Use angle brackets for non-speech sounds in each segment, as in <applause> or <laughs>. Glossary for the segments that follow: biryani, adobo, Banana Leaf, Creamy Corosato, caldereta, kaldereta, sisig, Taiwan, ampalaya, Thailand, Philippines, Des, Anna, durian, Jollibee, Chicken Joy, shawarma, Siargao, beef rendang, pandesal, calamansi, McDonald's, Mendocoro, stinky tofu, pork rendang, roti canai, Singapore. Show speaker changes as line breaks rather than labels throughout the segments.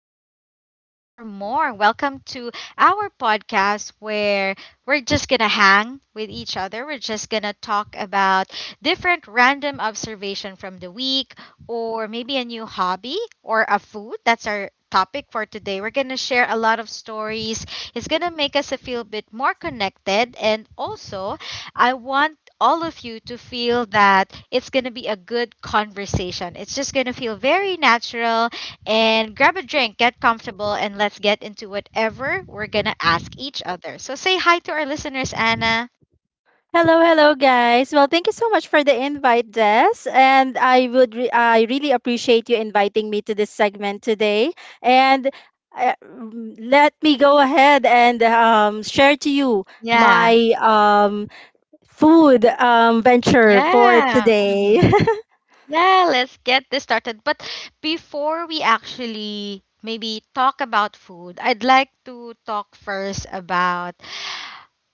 and we're back for more. Welcome to our podcast where we're just going to hang with each other. We're just going to talk about different random observation from the week, or maybe a new hobby or a food. That's our topic for today. We're going to share a lot of stories. It's going to make us feel a bit more connected and also I want all of you to feel that it's going to be a good conversation. It's just going to feel very natural. And grab a drink, get comfortable, and let's get into whatever we're going to ask each other. So say hi to our listeners, Anna.
Hello, hello, guys. Well, thank you so much for the invite, Des. And I really appreciate you inviting me to this segment today. And let me go ahead and share to you
Yeah.
my food venture for
Yeah.
today.
Hmm.
<laughs>
Yeah, let's get this started. But before we actually maybe talk about food, I'd like to talk first about,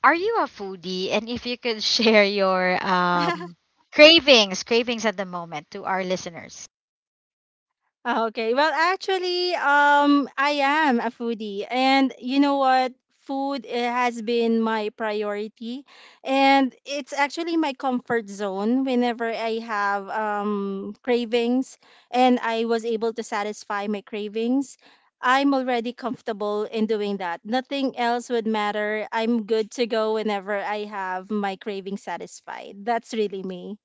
are you a foodie? And if you could <laughs> share your cravings at the moment to our listeners.
Ah, okay. Well, actually, I am a foodie, and you know what? Food has been my priority, and it's actually my comfort zone. Whenever I have cravings, and I was able to satisfy my cravings, I'm already comfortable in doing that. Nothing else would matter. I'm good to go whenever I have my craving satisfied. That's really me. <laughs>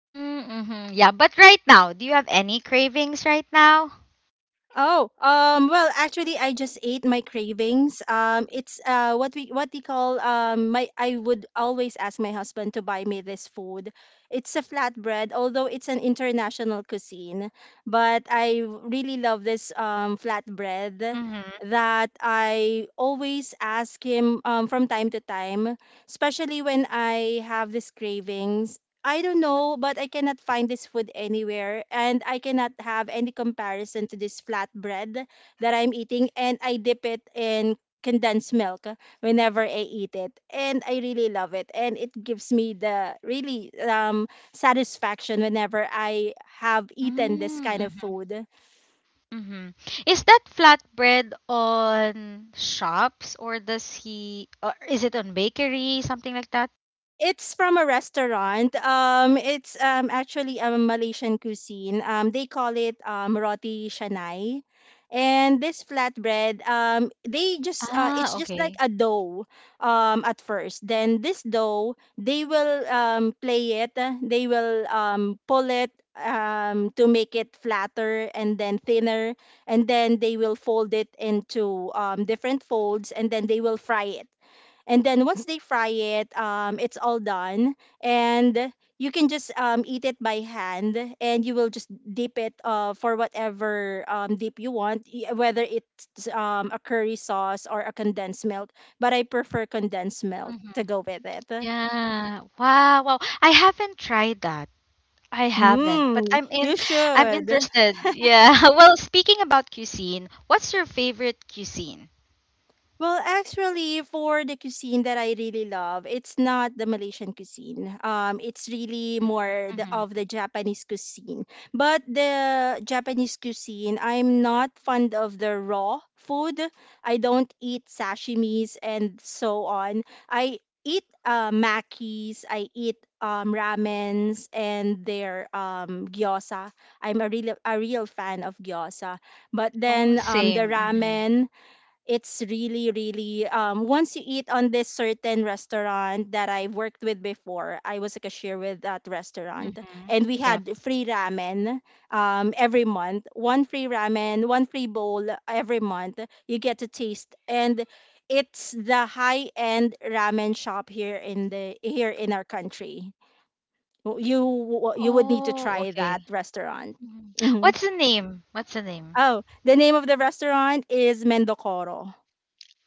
Mm-hmm. Yeah, but right now, do you have any cravings right now?
Oh, well, actually, I just ate my cravings. It's what we call my. I would always ask my husband to buy me this food. It's a flatbread, although it's an international cuisine, but I really love this flatbread
Mm-hmm.
that I always ask him from time to time, especially when I have these cravings. I don't know, but I cannot find this food anywhere, and I cannot have any comparison to this flatbread that I'm eating, and I dip it in condensed milk whenever I eat it, and I really love it, and it gives me the really satisfaction whenever I have eaten this kind of food.
Mm-hmm. Is that flatbread on shops or is it on bakery, something like that?
It's from a restaurant. It's Actually, a Malaysian cuisine. They call it roti canai, and this flatbread they just it's
Ah,
just like
okay.
a dough at first. Then this dough they will play it. They will pull it to make it flatter and then thinner, and then they will fold it into different folds, and then they will fry it, and then once they fry it, it's all done, and you can just eat it by hand, and you will just dip it for whatever dip you want, whether it's a curry sauce or a condensed milk, but I prefer condensed milk to
Mm-hmm.
go with it.
Yeah. Wow, wow. I haven't tried that. I haven't, but
Mm, you
I'm
should.
interested. Yeah. <laughs> Well, speaking about cuisine, what's your favorite cuisine?
Well, actually, for the cuisine that I really love, it's not the Malaysian cuisine. It's really
Mm-hmm.
more the,
Mm-hmm.
of the Japanese cuisine. But the Japanese cuisine, I'm not fond of the raw food. I don't eat sashimis and so on. I eat makis. I eat ramens and their gyoza. I'm a real fan of gyoza. But
Oh,
then the
same. Mm-hmm.
ramen it's really really once you eat on this certain restaurant that I've worked with before, I was like a cashier with that restaurant,
Mm-hmm.
and we
Yep.
had free ramen every month, one free ramen, one free bowl every month. You get to taste, and it's the high-end ramen shop here in our country. You would need to
Oh,
try that
okay.
restaurant.
Mhm.
Hmm.
What's the name? What's the name?
Oh, the name of the restaurant is Mendocoro.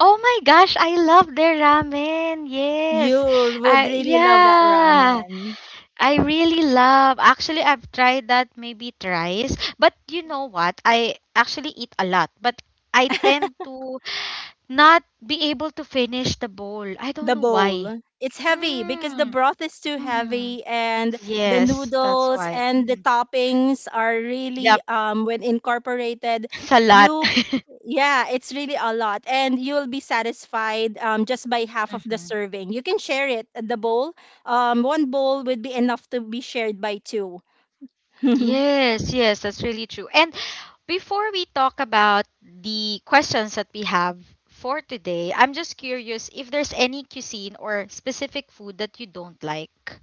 Oh my gosh, I love their ramen.
You
Yes.
would
I
really love that
yeah.
ramen.
I really love. Actually, I've tried that maybe thrice, but you know what? I actually eat a lot, but I tend to not be able to finish the bowl. I don't
The
know why.
bowl, it's heavy because the
Mm,
broth is too
mhm.
heavy, and the
Yes, that's
noodles
why.
and the
Hmm.
toppings are really
Yep,
when incorporated,
<laughs> it's a lot.
you
<laughs>
yeah, it's really a lot, and you'll be satisfied just by half of the
Mhm.
serving. You can share it, the bowl. Um, one bowl would be enough to be shared by two. <laughs>
Yes, yes, that's really true. And before we talk about the questions that we have for today, I'm just curious if there's any cuisine or specific food that you don't like.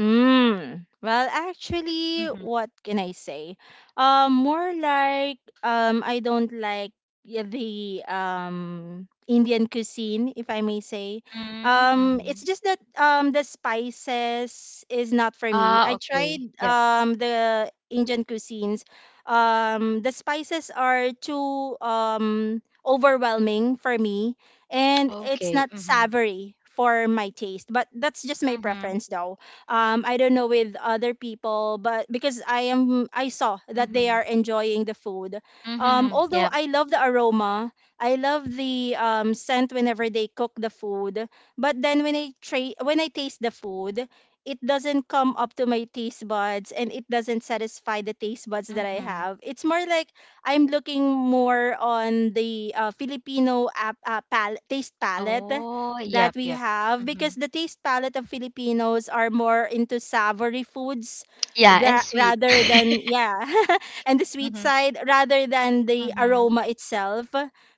Mm. Well, actually,
Mm-hmm.
what can I say? More like I don't like the Indian cuisine, if I may say. It's
Mm-hmm.
just that the spices is not for me.
Ah,
I tried
okay. Yep.
the Indian cuisines. The spices are too overwhelming for me, and it's
Okay.
not
Mm-hmm.
savory for my taste. But that's just my
Mm-hmm.
preference, though. I don't know with other people, but because I saw that they
Mm-hmm.
are enjoying the food,
Mm-hmm.
although I love the aroma, I love the scent whenever they cook the food, but then when I taste the food, it doesn't come up to my taste buds, and it doesn't satisfy the taste buds that I
Yep.
have. It's more like I'm looking more on the taste palette
Oh,
that
yep,
we
yep, yup.
have, because
Mhm.
the taste palette of Filipinos are more into savory foods,
Yeah, and
that
sweet.
rather than,
<laughs>
yeah, <laughs> and the sweet
Mhm,
side rather than the
mhm,
aroma itself.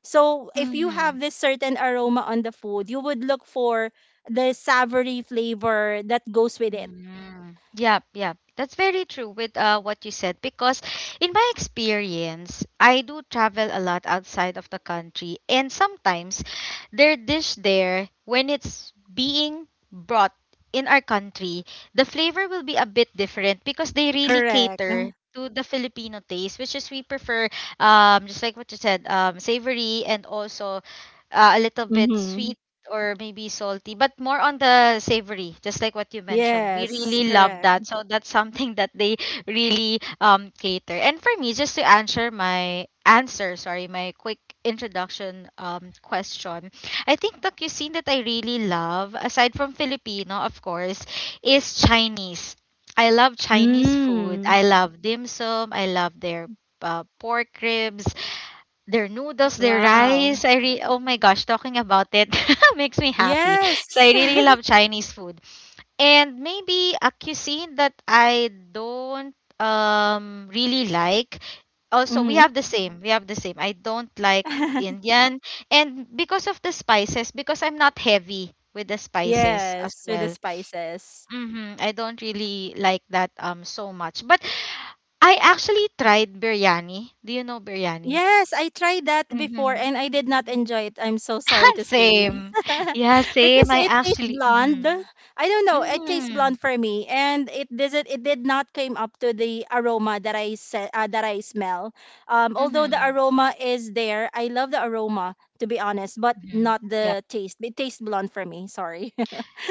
So if you
mhm.
have this certain aroma on the food, you would look for the savory flavor that goes with it.
Mm, yep, yep. That's very true with what you said because in my experience, I do travel a lot outside of the country and sometimes their dish there when it's being brought in our country, the flavor will be a bit different because they really
Correct.
cater to the Filipino taste, which is we prefer just like what you said, savory and also a little bit
Mm-hmm.
sweet or maybe salty, but more on the savory, just like what you mentioned. We
Yes,
really love
correct.
that. So that's something <laughs> that they really cater. And for me, just to answer my answer, sorry, my quick introduction question. I think the cuisine that I really love, aside from Filipino, of course, is Chinese. I love Chinese food.
Mm.
I love dim sum. I love their pork ribs. Their noodles, their
Wow.
rice. Oh my gosh, talking about it <laughs> makes me happy. So I
Yes.
really love Chinese food. And maybe a cuisine that I don't really like.
<laughs>
Also, we
Mm-hmm.
have the same. We have the same. I don't like
<laughs>
Indian. And because of the spices, because I'm not heavy with the spices as
Yes, with the
well.
spices.
I don't really like that so much. But I actually tried biryani. Do you know biryani?
Yes, I tried that before
Mm-hmm.
and I did not enjoy it. I'm so sorry
<laughs>
to say.
Same.
<laughs>
Yeah, same.
Because
I
it tastes
actually.
blonde.
Mm-hmm.
I don't know, it tastes
Mm-hmm.
blonde for me, and it did not came up to the aroma that I said that I smell. Um, although the
Mm-hmm.
aroma is there, I love the aroma to be honest, but
Hmm.
not
Yep.
the taste. It tastes blonde for me, sorry.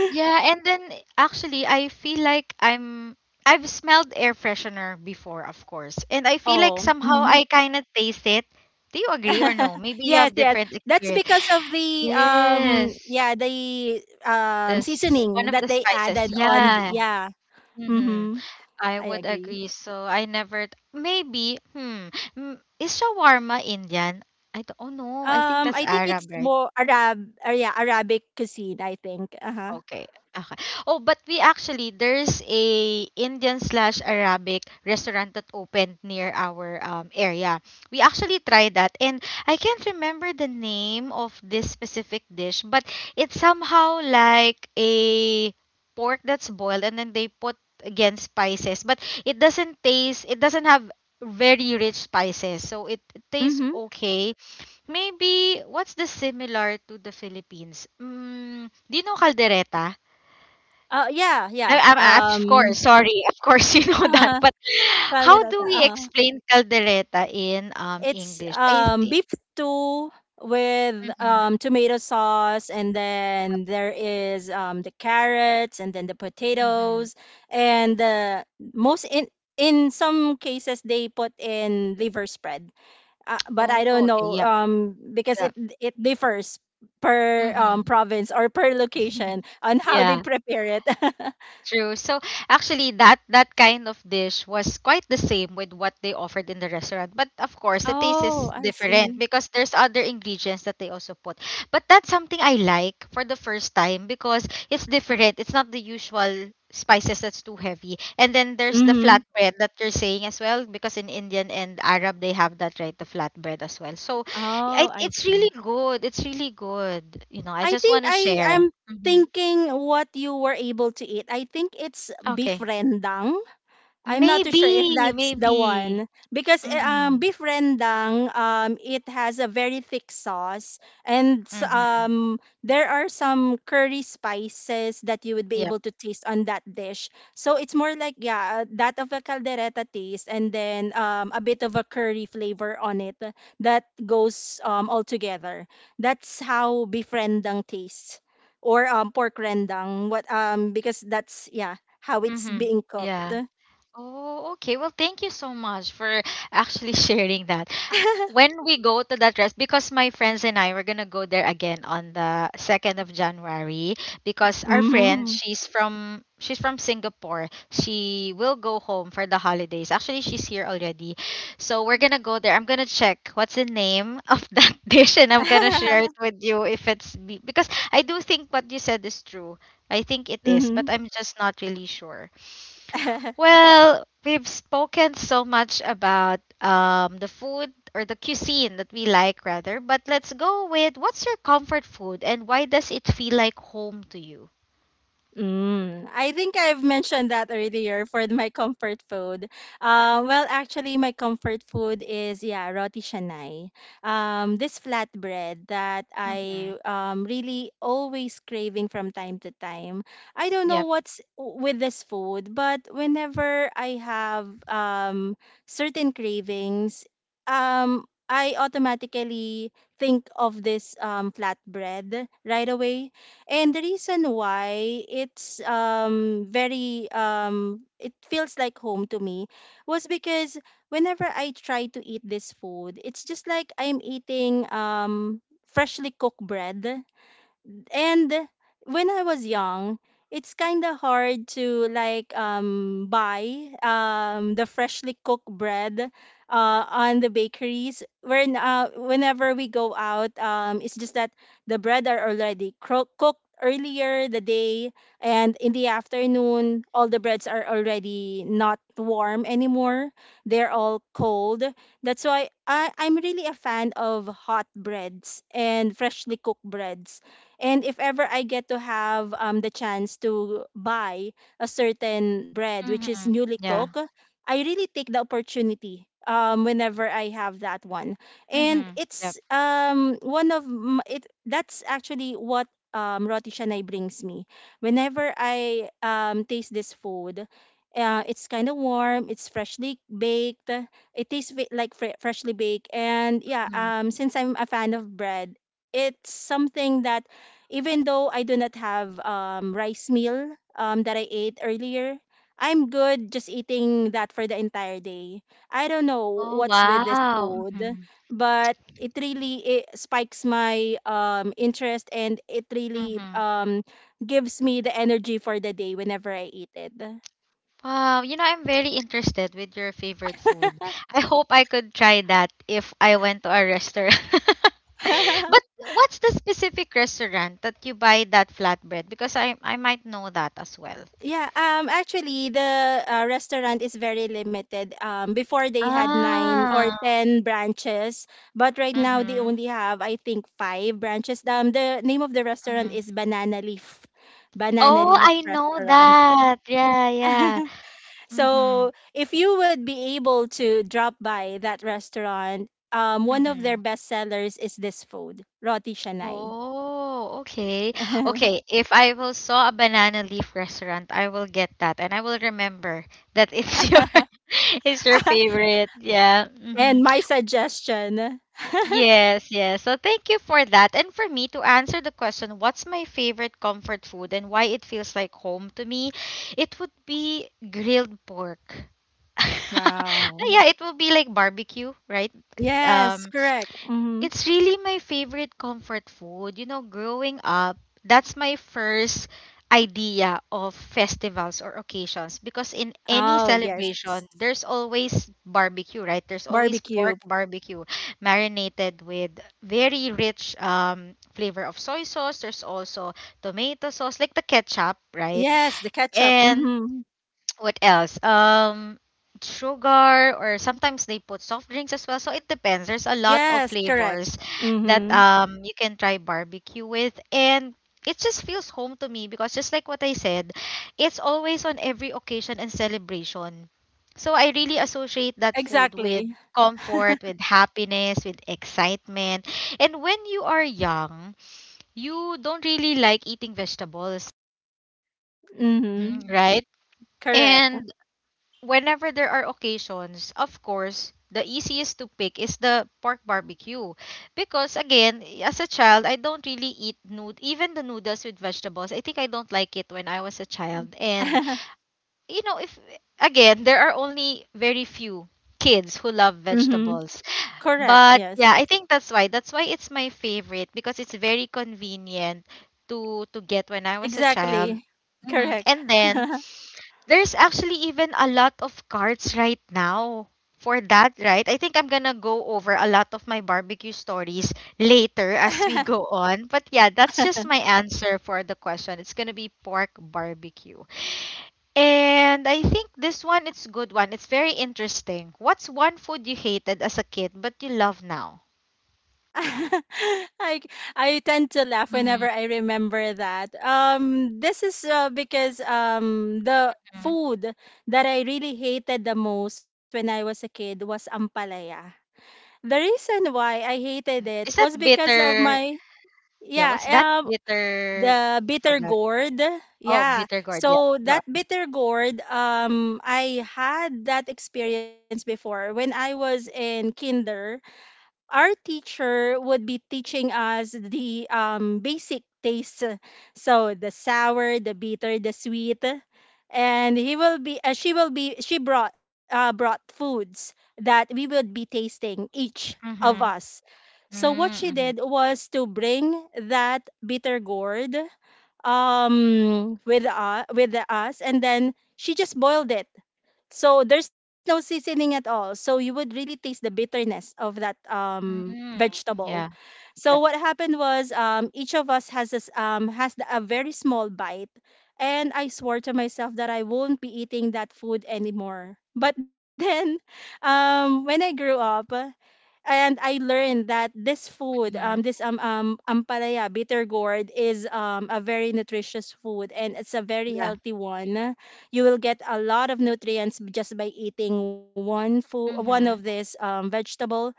Yeah, and then actually, I feel like I'm. I've smelled air freshener before, of course, and I
<laughs>
feel like
Oh.
somehow
Mm-hmm.
I kind of taste it. Do you agree or no?
<laughs>
Maybe you
Yes,
have
yes.
different
That's
experience.
because of the
Yes,
the
this one
seasoning
of
that
the
they
spices.
added on
Yeah.
yeah.
Mm-hmm.
Mhm.
I
I
would
agree.
agree. So I never maybe, is shawarma Indian? I don't know. I think
Um,
that's
I think it's
Arab, right?
more Arab or, yeah, Arabic cuisine, I think. Uh-huh.
Okay. Okay. Oh, but we actually there's a Indian/Arabic restaurant that opened near our area. We actually tried that, and I can't remember the name of this specific dish, but it's somehow like a pork that's boiled, and then they put again spices, but it doesn't taste. It doesn't have very rich spices, so it tastes
Mhm.
okay. Maybe what's the similar to the Philippines? Mm, do you know caldereta?
Uh, yeah,
I,
yeah.
I, of
Um,
course,
<laughs>
sorry. <laughs> Of course you know that.
uh-huh.
But how do
Kaldereta,
we
uh-huh.
explain caldereta in
It's
English? I think.
beef stew with
Mhm,
tomato sauce, and then there is the carrots and then the
mhm.
potatoes and the most in some cases they put in liver spread. But
Oh,
I don't
okay.
know
Yep.
because
Yep.
it differs per
Mhm.
province or per location
<laughs>
on how they
Yeah.
prepare it. <laughs>
True. So actually that kind of dish was quite the same with what they offered in the restaurant. But of course, the taste
Oh,
is
I
different
see.
because there's other ingredients that they also put. But that's something I like for the first time because it's different. It's not the usual spices that's too heavy. And then there's the
Mhm.
flatbread that you're saying as well because in Indian and Arab they have that right, the flatbread as well. So
Oh, I
it's really
see.
good. It's really good. You know, I
I
just want
think
to
I
share.
am
Hmm.
thinking what you were able to eat. I think it's beef
Okay.
rendang. I'm not too sure if
Maybe,
that's the
maybe.
one because
Mhm,
beef rendang, it has a very thick sauce, and s-
mhm.
um there are some curry spices that you would be
Yep.
able to taste on that dish. So it's more like, yeah, that of a caldereta taste, and then a bit of a curry flavor on it that goes all together. That's how beef rendang tastes, or pork rendang, what because that's, yeah, how it's
Mhm.
being cooked.
Yeah. Oh, okay. Well, thank you so much for actually <laughs> sharing that.
<laughs>
When we go to that rest, because my friends and I were gonna go there again on the second of January, because our friend,
Mhm.
she's from Singapore, she will go home for the holidays. Actually, she's here already. So we're gonna go there. I'm gonna check what's the name of <laughs> that dish, and I'm gonna share it with you if because I do think what you said is true. I think it is,
Mhm.
but I'm just not really sure.
<laughs>
Well, we've spoken so much about the food or the cuisine that we like, rather, but let's go with what's your comfort food and why does it feel like home to you?
Mm, I think I've mentioned that earlier for my comfort food. Well, actually, my comfort food is, yeah, roti canai. This flatbread that
Mhm.
I really always craving from time to time. I don't know
Yep.
with this food, but whenever I have certain cravings, I automatically think of this flatbread right away, and the reason why it's very it feels like home to me was because whenever I try to eat this food, it's just like I'm eating freshly cooked bread. And when I was young, it's kind of hard to like buy the freshly cooked bread on the bakeries when whenever we go out. Um, it's just that the bread are already cooked earlier the day, and in the afternoon all the breads are already not warm anymore, they're all cold. That's why I'm really a fan of hot breads and freshly cooked breads. And if ever I get to have the chance to buy a certain bread which is
Mhm.
newly
Yeah.
cooked, I really take the opportunity whenever I have that one. And
Mhm. Yep.
it's one of m- it. That's actually what Roti Shanay brings me. Whenever I taste this food, it's kind of warm. It's freshly baked. It tastes like freshly baked. And yeah,
Mhm.
since I'm a fan of bread, it's something that, even though I do not have rice meal that I ate earlier, I'm good just eating that for the entire day. I don't know
Oh,
what's with this
wow.
food,
Mhm.
but it really it spikes my interest, and it really
Mhm.
gives me the energy for the day whenever I eat it.
Wow, you know, I'm very interested with your favorite food. I hope I could try that if I went to a restaurant. <laughs> But
<laughs>
what's the specific restaurant that you buy that flatbread? Because I might know that as well.
Yeah, actually the restaurant is very limited. Um, before they had 9 or
Ah.
10 branches, but right now they
Mm-hmm.
only have, I think, 5 branches. Um, the name of the restaurant
Mm-hmm.
is Banana Leaf. Banana
Oh,
Leaf
I know
restaurant.
that. Yeah, yeah.
<laughs>
Mm-hmm.
So, if you would be able to drop by that restaurant, one of
Mm-hmm.
their best sellers is this food, roti Shanai.
Oh, okay. Okay,
<laughs>
if I will saw a banana leaf restaurant, I will get that and I will remember that it's <laughs> your it's your favorite. Yeah. Hmm.
And my suggestion. <laughs>
Yes, yes. So thank you for that. And for me to answer the question, what's my favorite comfort food and why it feels like home to me, it would be grilled pork. <laughs>
Wow.
Yeah, it will be like barbecue, right?
Yes,
Um.
correct. Mm-hmm.
It's really my favorite comfort food. You know, growing up, that's my first idea of festivals or occasions because in any
Oh, yes.
celebration, there's always barbecue, right? There's always
Barbecue.
pork barbecue marinated with very rich flavor of soy sauce. There's also tomato sauce, like the ketchup, right?
Yes, the ketchup.
And
Mm-hmm.
what else? Sugar or sometimes they put soft drinks as well. So it depends. There's a lot of
Yes, correct.
flavors that
Mm-hmm.
you can try barbecue with and it just feels home to me because just like what I said, it's always on every occasion and celebration. So I really associate that food
Exactly.
with
<laughs>
comfort, with happiness, with excitement. And when you are young, you don't really like eating vegetables,
Mm-hmm.
right?
Correct.
And whenever there are occasions, of course, the easiest to pick is the pork barbecue. Because again, as a child, I don't really eat nood even the noodles with vegetables. I think I don't like it when I was a child. And
<laughs>
you know, if again, there are only very few kids who love
Mm-hmm.
vegetables.
Correct.
But
Yes.
yeah, I think that's why. That's why it's my favorite because it's very convenient to get when I was a child.
Exactly.
hmm
Correct.
And then
<laughs>
there's actually even a lot of cards right now for that, right? I think I'm gonna go over a lot of my barbecue stories later as we go on. But yeah, that's just my answer for the question. It's gonna be pork barbecue. And I think this one it's a good one. It's very interesting. What's one food you hated as a kid but you love now?
<laughs> I I tend to laugh whenever
Mm-hmm.
I remember that. This is because the food that I really hated the most when I was a kid was ampalaya. The reason why I hated
Uh,
it
is
was
that
because of
bitter?
my,
Yeah,
yeah,
what's that bitter?
the
I
bitter
forgot.
gourd.
Oh,
Yeah,
bitter gourd. Yeah.
so
Go
that
on.
bitter gourd, I had that experience before when I was in kinder. Our teacher would be teaching us the basic tastes. So the sour, the bitter, the sweet, and he will be. She will be. She brought brought foods that we would be tasting each of
Mm-hmm.
us. So what she did
Mm-hmm.
was to bring that bitter gourd with us, and then she just boiled it, so there's no seasoning at all. So you would really taste the bitterness of that
Mm.
vegetable.
Yeah.
So
Yep.
what happened was, each of us has this, a very small bite, and I swore to myself that I won't be eating that food anymore. But then, <laughs> when I grew up and I learned that this food,
Mm-hmm.
this ampalaya bitter gourd is a very nutritious food, and it's a very
Yeah.
healthy one. You will get a lot of nutrients just by eating one food, one
Mm-hmm.
of this vegetable.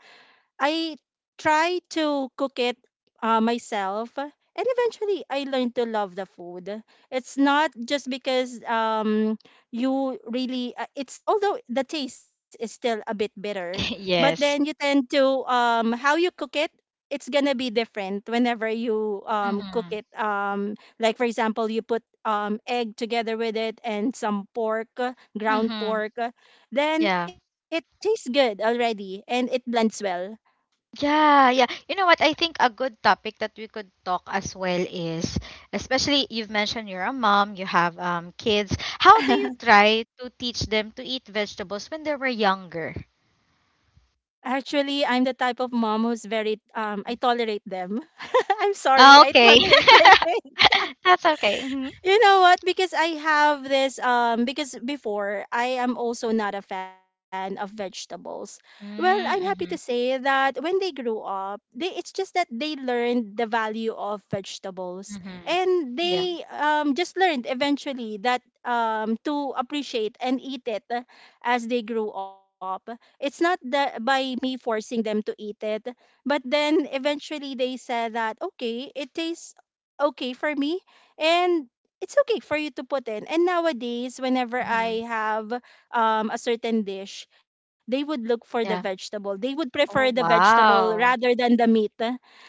I try to cook it myself, and eventually I learned to love the food. It's not just because you really it's although the taste is still a bit bitter,
<laughs>
but then you
Yes.
tend to how you cook it. It's gonna be different whenever you cook
Mm-hmm.
it. Like for example, you put egg together with it and some pork, ground
Mm-hmm.
pork, then
Yeah.
it tastes good already and it blends well.
Yeah, yeah. You know what? I think a good topic that we could talk as well is, especially you've mentioned you're a mom, you have kids. How do you
<laughs>
try to teach them to eat vegetables when they were younger?
Actually, I'm the type of mom who's very I tolerate them. <laughs> I'm sorry,
Oh,
I
okay.
tolerate my kids.
<laughs> That's okay. Mm-hmm.
You know what? Because I have this because before I am also not a fan of vegetables. Well, I'm happy to
Mm-hmm.
say that when they grew up, they it's just that they learned the value of vegetables,
Mm-hmm.
and
Yeah.
they just learned eventually that to appreciate and eat it as they grew up. It's not that by me forcing them to eat it, but then eventually they said that okay, it tastes okay for me, and it's okay for you to put in. And nowadays, whenever
Mm-hmm.
I have a certain dish, they would look for the
Yeah.
vegetable. They would prefer the
Oh,
vegetable rather
wow.
than the meat, eh,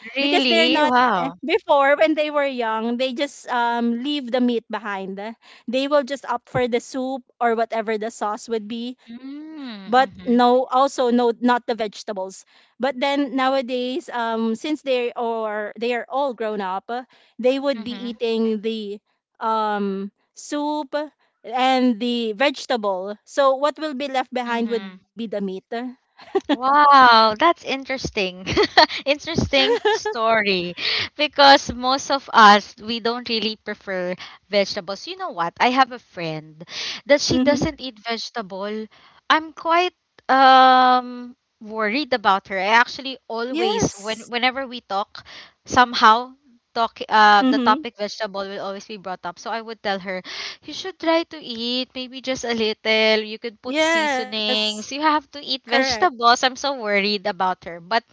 because they're not.
Really?
Eh,
Wow.
before, when they were young, they just leave the meat behind, eh. They will just opt for the soup or whatever the sauce would be,
Mm,
but
mhm,
no, also no, not the vegetables. But then nowadays, since they are all grown up, eh, they would be
mhm,
eating the soup and the vegetable. So what will be left behind would be
mhm.
the meat.
Wow, that's interesting. <laughs> Interesting
<laughs>
story because most of us we don't really prefer vegetables. You know what? I have a friend that she
Mm-hmm.
doesn't eat vegetable. I'm quite um worried about her. I actually always
Yes.
whenever we talk somehow talk the
Mm-hmm.
topic vegetable will always be brought up. So I would tell her, you should try to eat maybe just a little. You could put
Yes.
seasonings. You have to eat
Correct.
vegetables. I'm so worried about her. But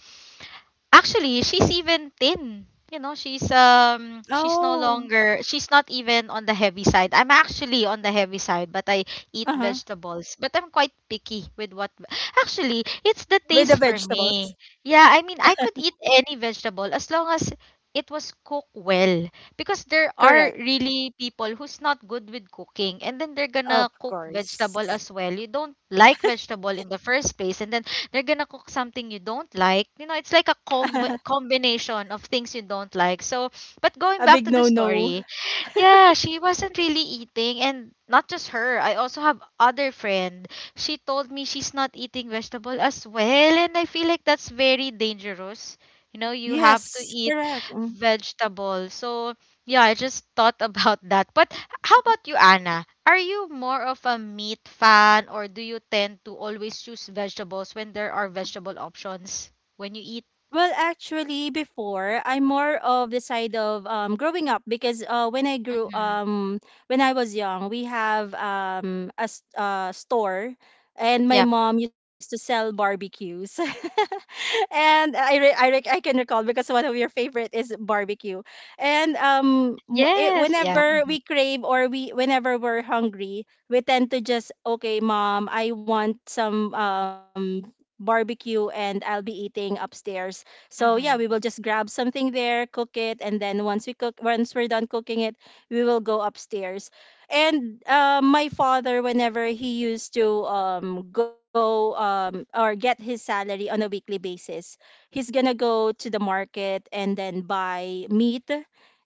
actually, she's even thin. You know, she's no
Oh.
longer she's not even on the heavy side. I'm actually on the heavy side, but I eat
Uh-huh.
vegetables. But I'm quite picky with what, actually it's
With
the
the
taste for
vegetables.
me. Yeah, I mean I could eat any vegetable as long as it was cooked well. Because there are
Correct.
really people who's not good with cooking and then they're
Of
gonna cook
course.
vegetable as well. You don't like vegetable in the first place and then they're gonna cook something you don't like. You know, it's like a
<laughs> A
combination of things you don't like. So, but going back
big
to the
no no.
story, yeah, she wasn't really eating and not just her. I also have other friend. She told me she's not eating vegetable as well and I feel like that's very dangerous. You know, you have
Yes.
to eat
Correct.
vegetable. So, yeah, I just thought <laughs> about that. But how about you, Anna? Are you more of a meat fan or do you tend to always choose vegetables when there are vegetable options when you eat?
Well, actually, before I'm more of the side of growing up because
Mm-hmm.
when I was young, we have store, and my
Yep.
mom used to sell barbecues. <laughs> <laughs> And I can recall because one of your favorite is barbecue. And
Yes, yeah.
whenever
Mm-hmm.
we crave, or we whenever we're hungry, we tend to just okay, mom, I want some barbecue, and I'll be eating upstairs. So yeah, we
Mm-hmm.
will just grab something there, cook it, and then once we're done cooking it, we will go upstairs, and my father, whenever he used to go or get his salary on a weekly basis, he's gonna go to the market and then buy meat,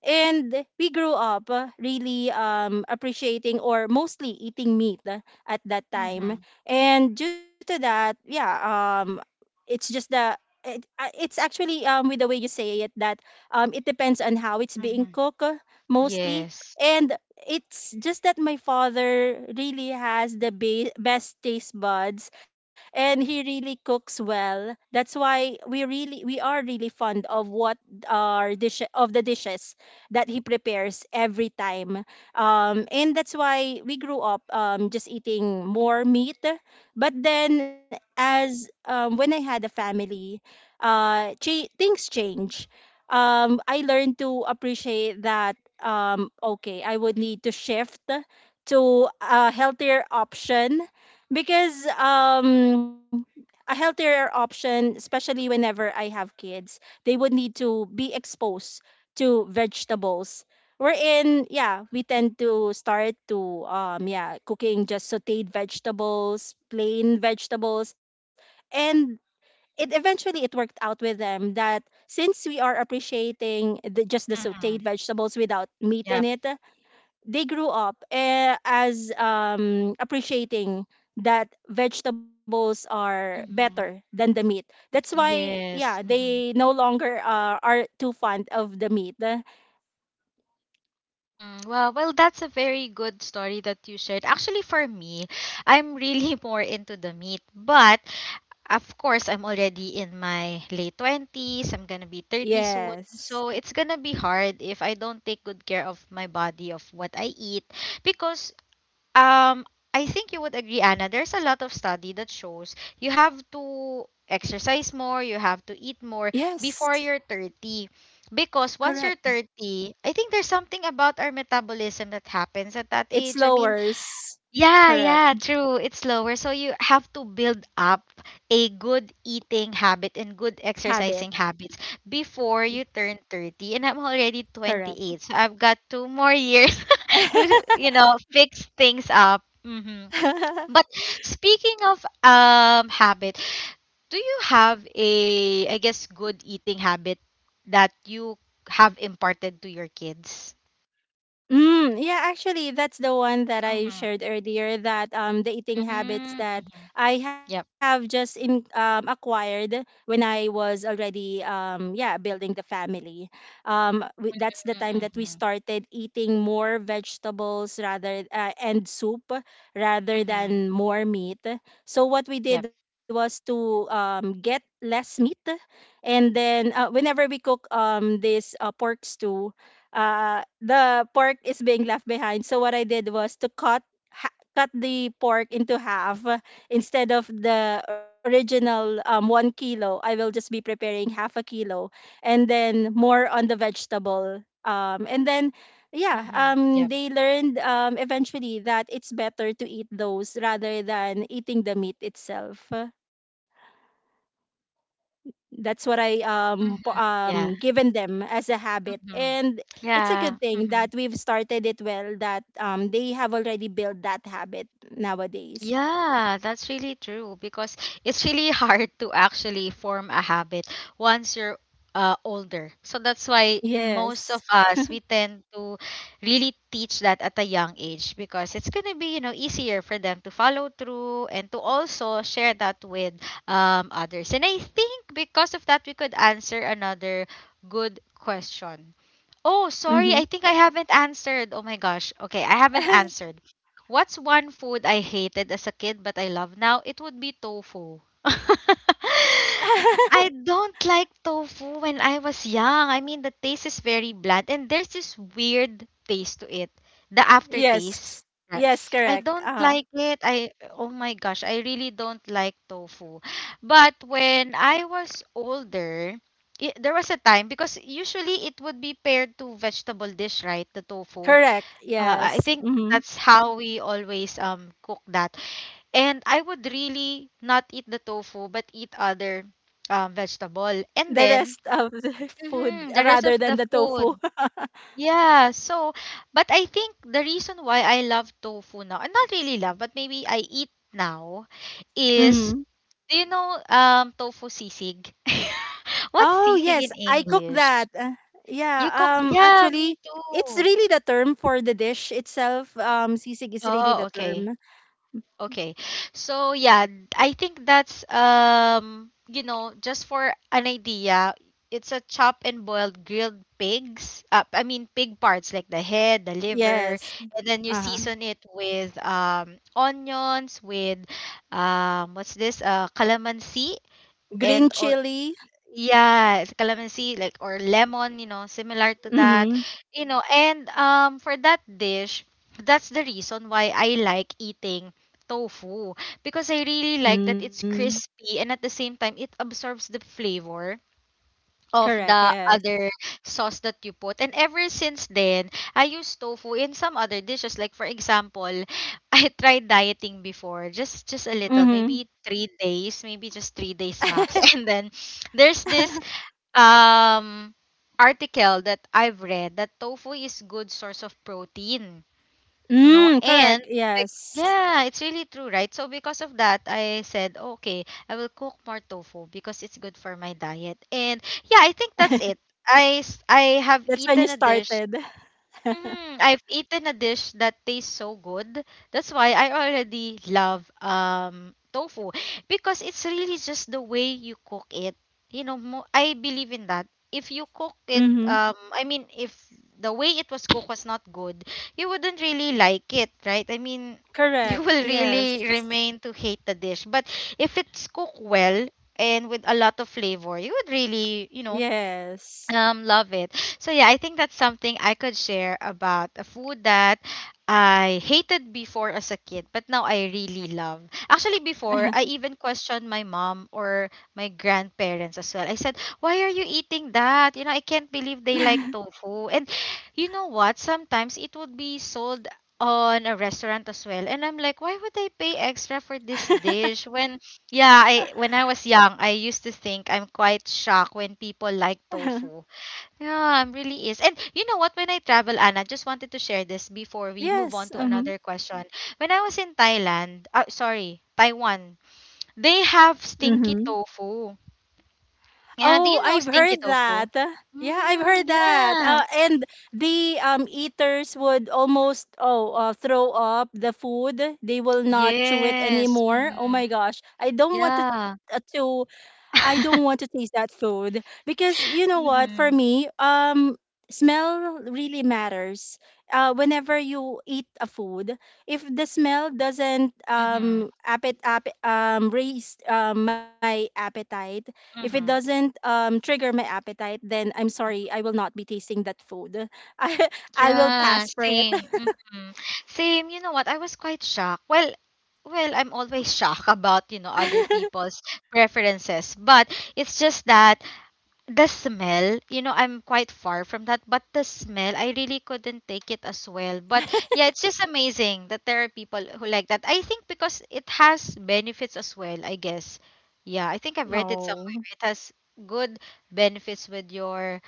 and we grew up really appreciating or mostly eating meat, at that time.
Mm-hmm.
And due to that, yeah, it's just the it's actually, with the way you say it that, it depends on how it's being
Mm-hmm.
cooked, mostly.
Yes.
And it's just that my father really has the best taste buds, and he really cooks well. That's why we are really fond of what our dish of the dishes that he prepares every time, and that's why we grew up just eating more meat. But then, as when I had a family, things change. I learned to appreciate that, okay, I would need to shift to a healthier option, because, a healthier option, especially whenever I have kids, they would need to be exposed to vegetables. Wherein, yeah, we tend to start to, yeah, cooking just sauteed vegetables, plain vegetables, and it eventually it worked out with them that, since we are appreciating just the sautéed
Mm-hmm.
vegetables without meat in
Yep.
it, they grew up, eh, as appreciating that vegetables are better
Mm-hmm.
than the meat. That's why, yeah,
Yes.
they
Hmm,
no longer are too fond of the meat.
hmm, well, that's a very good story that you shared. Actually, for me, I'm really <laughs> more into the meat, but of course, I'm already in my late 20s. I'm gonna be 30 soon.
Yes,
So it's gonna be hard if I don't take good care of my body, of what I eat. Because um I think you would agree, Anna, there's a lot of study that shows you have to exercise more, you have to eat more
yes,
before you're 30. Because once
correct.
you're 30, I think there's something about our metabolism that happens at that
It
age. I mean,
lowers,
yeah,
correct,
yeah, true. It's slower. So you have to build up a good eating habit and good
habit,
exercising habits before you turn 30. And I'm already
correct.
28. So I've got two more years <laughs> to, you know, fix things up. Hmm.
<laughs>
But speaking of habit, do you have a, I guess, good eating habit that you have imparted to your kids?
Yeah, actually, that's the one that I
Mm-hmm.
shared earlier, that the eating habits that
Mm-hmm.
I have
Yep.
just in acquired when I was already, yeah, building the family. That's the time that we
Mm-hmm.
started eating more vegetables rather and soup rather
Mm-hmm.
than more meat. So what we did was to get less meat, and then, whenever we cook this pork stew, the pork is being left behind. So what I did was to cut the pork into half, instead of the original, 1 kilo. I will just be preparing half a kilo, and then more on the vegetable. And then, yeah,
Mm-hmm. Yep.
they learned, eventually, that it's better to eat those rather than eating the meat itself. That's what I
Mm-hmm. Yeah.
given them as a habit.
Mm-hmm.
And it's a
Yeah.
good thing
Mm-hmm.
that we've started it well, that they have already built that habit nowadays.
Yeah, that's really true because it's really <laughs> hard to actually form a habit once you're older. So that's why most
Yes.
of us we tend to really teach that at a young age because it's gonna be you know easier for them to follow through and to also share that with others. And I think because of that we could answer another good question. Oh,
Mhm.
sorry. I think I haven't answered. Oh my gosh. Okay, I haven't answered. What's one food I hated as a kid but I love now? It would be tofu. <laughs>
<laughs>
I don't like tofu when I was young. I mean, the taste is very bland and there's this weird taste to it. The
Yes.
aftertaste.
Yes,
I
correct.
don't
Uh,
like it. I, oh my gosh, I really don't like tofu. But when I was older, there was a time because usually it would be paired to vegetable dish, right? The tofu.
correct.
I
Yes.
think
Mhm.
that's how we always cook that. And I would really not eat the tofu but eat other vegetable.
The
And
rest
then
of the <laughs> food
mhm, the
rather
rest of
than the
the
tofu.
food.
<laughs>
Yeah, so but I think the reason why I love tofu now, and not really love, but maybe I eat now is,
Mm-hmm.
do you know tofu sisig? <laughs>
Oh
What's
yes,
sisig in
I cook
English?
that.
You
Yeah,
cook, yeah,
actually
me
it's
too.
really the term for the dish itself. Sisig is really
Oh,
the
okay.
term.
Okay. So yeah, I think that's you know, just for an idea, it's a chop and boiled grilled pigs. I mean pig parts like the head, the liver,
Yes.
and then you
Uh-huh.
season it with onions with what's this? Calamansi
Green
and all,
chili.
yes, calamansi, like or lemon, you know, similar to that.
Mhm.
You know, and for that dish, that's the reason why I like eating tofu because I really like that it's
Mm.
crispy and at the same time it absorbs the flavor of
Correct,
the
yes.
other sauce that you put. And ever since then, I use tofu in some other dishes. Like for example, <laughs> I tried dieting before, just a little,
Mhm.
maybe 3 days, maybe just 3 days max. <laughs> And then there's
<laughs>
this um article that I've read that tofu is good source of protein. No,
Mm,
and
correct.
like
Yes.
yeah, it's really true, right? So because of that, I said, okay, I will cook more tofu because it's good for my diet. And yeah, I think
<laughs>
that's it. I have
That's when you
eaten a
started.
dish,
<laughs>
mhm. I've eaten a dish that tastes so good. That's why I already love tofu because it's really just the way you cook it. You know, I believe in that. If you cook it,
Mhm.
I mean, if the way it was cooked was not good, you wouldn't really like it, right? I mean, <laughs> you
Correct.
will
Yes.
really remain to hate the dish. But if it's cooked well and with a lot of flavor, you would really, you know,
Yes.
love it. So yeah, I think that's something I could share about a food that I hated before as a kid, but now I really love. Actually, before I even questioned my mom or my grandparents as well. I said, "Why are you eating that? You know, I can't believe they like
<laughs>
tofu." And you know what? Sometimes it would be sold on a restaurant as well, and I'm like, "Why would I pay extra for this dish when
<laughs>
yeah, I when I was young, I used to think, I'm quite shocked when people like tofu. Yeah, I'm really is. And you know what? When I travel, Anna, just wanted to share this before we move
Yes.
on to
Mhm.
another question. When I was in Thailand, sorry, Taiwan, they have
Mm-hmm.
stinky tofu.
Oh,
Yeah, do
I've
you know
heard
stinky
that.
tofu?
Yeah, I've heard
Mm,
that.
yeah.
And the eaters would almost throw up the food. They will not chew it
Yes.
anymore. Oh
Mm-hmm.
my gosh, I don't want it,
Yeah.
to, I don't want to
<laughs>
taste that food. Because you know what? For
Mm-hmm.
me, smell really matters. Whenever you eat a food, if the smell doesn't raise my appetite, if it
Mm-hmm.
doesn't trigger my appetite, then I'm sorry, I will not be tasting that food. <laughs> I I will
Yeah,
pass for it.
same. Mhm. Same, you know what, I was quite shocked. Well, I'm always <laughs> shocked about, you know, other
<laughs>
people's preferences, but it's just that the smell, you know, I'm quite far from that, but the smell, I really couldn't take it as well. But yeah, it's just amazing that there are people who like that. I think because it has benefits as well, I guess. Yeah, I think I've read it
No.
somewhere. It has good benefits with your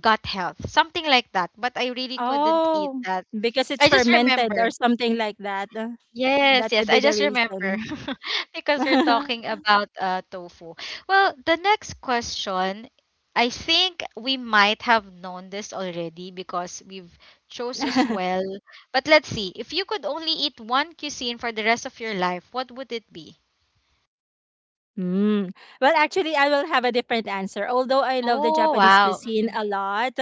gut health, something like that. But I really couldn't eat
Oh,
that.
because it's
I just
fermented or
remember.
something like that.
Yes,
That
yes,
could
I
be the
just remember
reason.
<laughs> because we're
<laughs>
talking about tofu. Well, the next question, I think we might have known this already because we've chose as well. But let's see, if you could only eat one cuisine for the rest of your life, what would it be?
Mm. Well, actually, I will have a different answer. Although I love the
Oh,
Japanese
wow.
cuisine
Mhm.
a lot,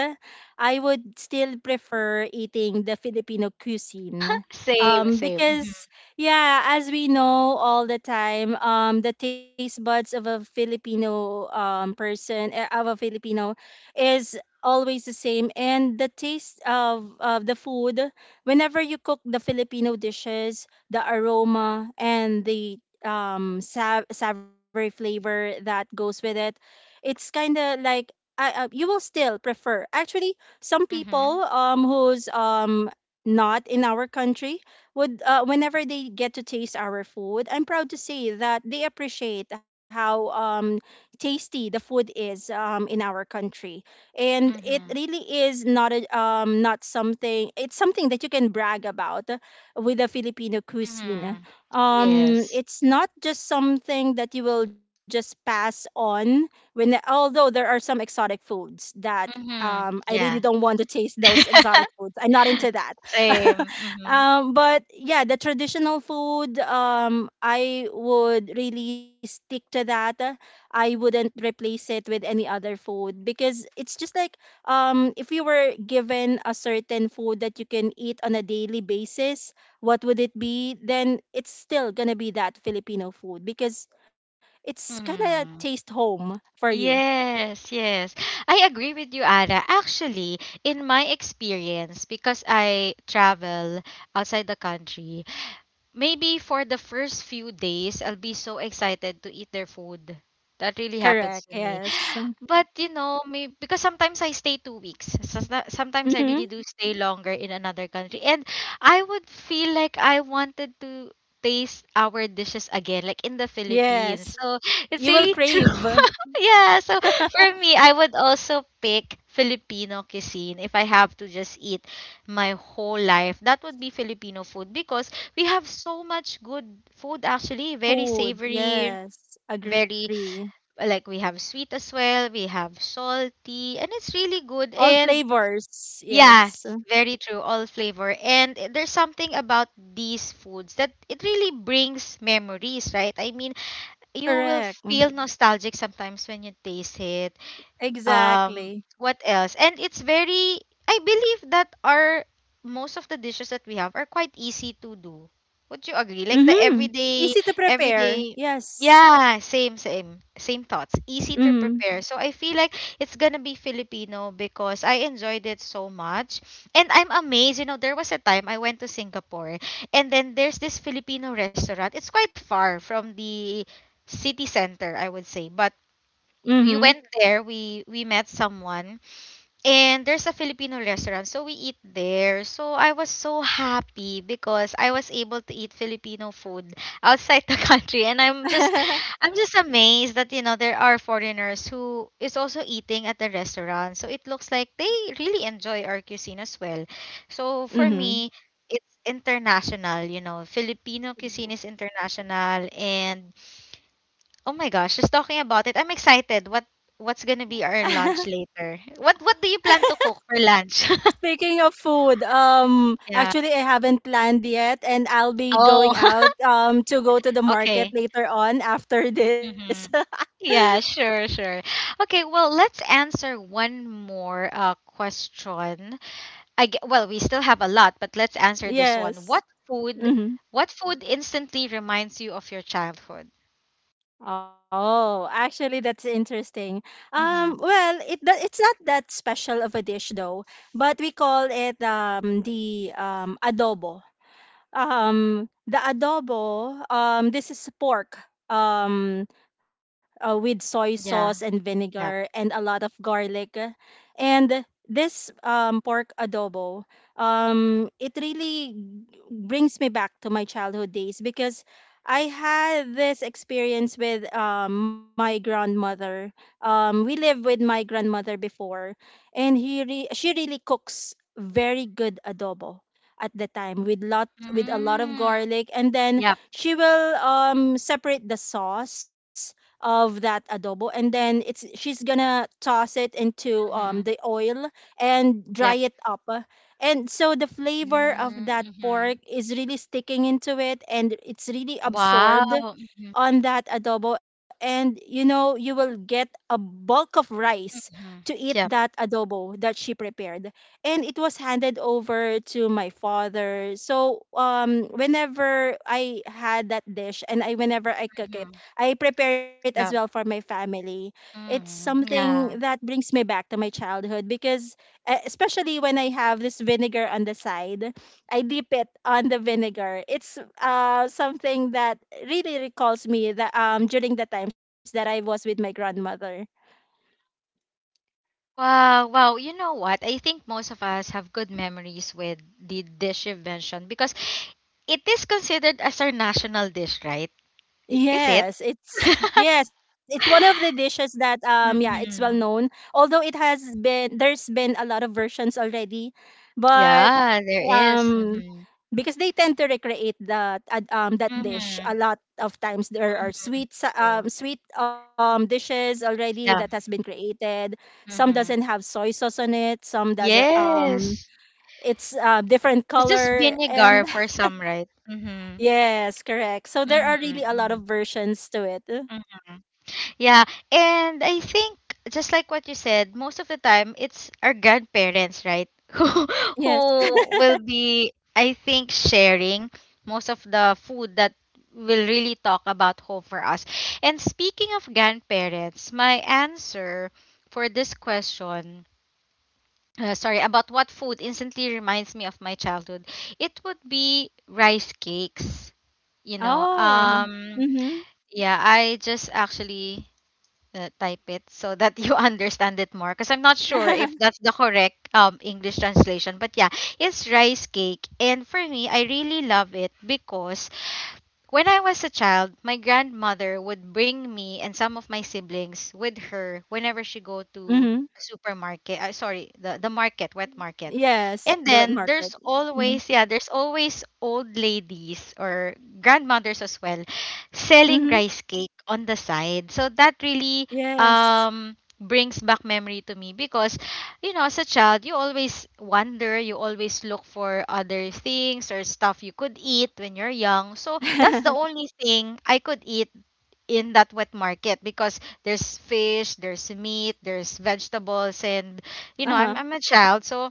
I would still prefer eating the Filipino cuisine.
Same, same. Mm-hmm.
Because, yeah, as we know all the time, the taste buds of a Filipino person, eh, of a Filipino is always the same. And the taste of the food, whenever you cook the Filipino dishes, the aroma and the savory flavor that goes with it, it's kind of like you will still prefer. Actually, some
Mm-hmm.
people who's not in our country would, whenever they get to taste our food, I'm proud to say that they appreciate how tasty the food is, in our country. And it
Mm-hmm.
really is not a not something, it's something that you can brag about with the Filipino cuisine.
Mm-hmm. Yes.
It's not just something that you will just pass on when although there are some exotic foods that,
Mhm.
I really
Yeah.
don't want to taste those exotic
<laughs>
foods. I'm not into that. <laughs>
Same. Mhm.
But yeah, the traditional food, I would really stick to that. I wouldn't replace it with any other food because it's just like, if you were given a certain food that you can eat on a daily basis, what would it be? Then it's still gonna be that Filipino food, because it's gonna taste
Mhm.
home for you.
Yes, yes. I agree with you, Ara. Actually, in my experience, because I travel outside the country, maybe for the first few days, I'll be so excited to eat their food. That really
Correct.
happens to me.
Yes.
<gasps> <sighs> But you know, maybe because sometimes I stay 2 weeks. Sometimes I
Mm-hmm.
really do stay longer in another country, and I would feel like I wanted to taste our dishes again, like in the Philippines.
Yes.
So
You will
it's
crave
really <laughs> true. <laughs> Yeah. So
<laughs>
for me, I would also pick Filipino cuisine if I have to just eat my whole life. That would be Filipino food because we have so much good food, actually. Very
food.
savory,
Yes.
very
Agree.
we have sweet as well, we have salty, and it's really good.
All
And
flavors.
yeah,
Yes.
very true, all flavor. And there's something about these foods that it really brings memories, right? I mean, you
Correct.
will feel nostalgic sometimes when you taste it.
Exactly.
um what else? And it's very I believe that our most of the dishes that we have are quite easy to do. Would you agree? Like the
Mm-hmm.
everyday,
Easy to prepare.
everyday,
Yes.
yeah, same same same thoughts, easy to
Mm-hmm.
prepare. So I feel like it's gonna be Filipino because I enjoyed it so much. And I'm amazed. You know, there was a time I went to Singapore, and then there's this Filipino restaurant. It's quite far from the city center, I would say, but
Mm-hmm.
we went there, we met someone, and there's a Filipino restaurant, so we eat there. So I was so happy because I was able to eat Filipino food outside the <laughs> country. And I'm just amazed that, you know, there are foreigners who is also eating at the restaurant, so it looks like they really enjoy our cuisine as well. So
<laughs>
for
Mm-hmm.
me, it's international. You know, Filipino cuisine is international. And oh my gosh, just talking about it, I'm excited. What's gonna be our lunch later? What do you
<laughs>
plan to cook for lunch? <laughs>
Speaking of food,
Yeah.
actually I haven't planned yet, and I'll be
Oh,
going out
<laughs>
to go to the market
okay.
later on after this.
Mm-hmm.
<laughs>
Yeah, sure, sure. Okay, well, let's answer one more question. Well, we still have a lot, but let's answer this one. What
Yes.
food,
Hmm.
what food instantly reminds you of your childhood?
Oh, actually, that's interesting.
Mm-hmm.
Well, it's not that special of a dish though, but we call it the adobo. The adobo. This is pork. Um, with soy sauce and
Yeah.
vinegar
Yep.
and a lot of garlic. And this pork adobo, it really brings me back to my childhood days because I had this experience with my grandmother. We lived with my grandmother before, and she really cooks very good adobo at the time with lot with a lot of
Mm.
garlic, and then
Yep.
she will separate the sauce of that adobo, and then it's she's gonna toss it into
Mm-hmm.
the oil and dry
Yep.
it up, and so the flavor of that pork
Mm-hmm.
is really sticking into it and it's really
Wow.
absorbed
Mhm,
on that adobo. And you know, you will get a bulk of rice to
mhm.
eat
Yep.
that adobo that she prepared, and it was handed over to my father. So whenever I had that dish and I whenever I cook it,
Mhm.
I prepare it as well for
Yep.
my family. It's
Mhm.
something
Yeah.
that brings me back to my childhood because, especially when I have this vinegar on the side, I dip it on the vinegar. It's something that really recalls me that during the times that I was with my grandmother.
Wow, wow. You know what? I think most of us have good memories with the dish you mentioned because it is considered as our national dish, right? Is it?
Yes,
<laughs>
it's one of the dishes that yeah, it's well known.
Mm-hmm.
Although it has been there's been a lot of versions already, but
Yeah, there is.
um
Mm-hmm.
because they tend to recreate that that dish.
Mm-hmm.
A lot of times there are
True.
sweet dishes already that has
Yeah.
been created. Some doesn't
Mm-hmm.
have soy sauce on it, some doesn't
Yes.
it's different
It's just
color. And
vinegar for some, right?
<laughs>
Mm-hmm.
yes, correct, so there are really a lot
Mm-hmm.
of versions to it.
Mm-hmm. Yeah, and I think just like what you said, most of the time it's our grandparents, right? <laughs>
Yes.
Who will be, I think, sharing most of the food that will really talk about home for us. And speaking of grandparents, my answer for this question, sorry, about what food instantly reminds me of my childhood. It would be rice cakes. You
<laughs>
know,
Oh. Mhm.
yeah, I just actually type it so that you <laughs> understand it more because I'm not sure
<laughs>
if that's the correct English translation, but yeah, it's rice cake. And for me, I really love it because when I was a child, my grandmother would bring me and some of my siblings with her whenever she go
Mhm.
to supermarket. Sorry, the market, wet market.
Yes,
And
the wet
then
market.
there's
Mhm.
always, yeah, there's always old ladies or grandmothers as well selling
Mhm.
rice cake on the side. So that really
Yes.
brings back memory to me because, you know, as a child, you always wonder, you always look for other things or stuff you could eat when you're young. So that's the
<laughs>
only thing I could eat in that wet market because there's fish, there's meat, there's vegetables. And you know,
Uh-huh.
I'm a child, so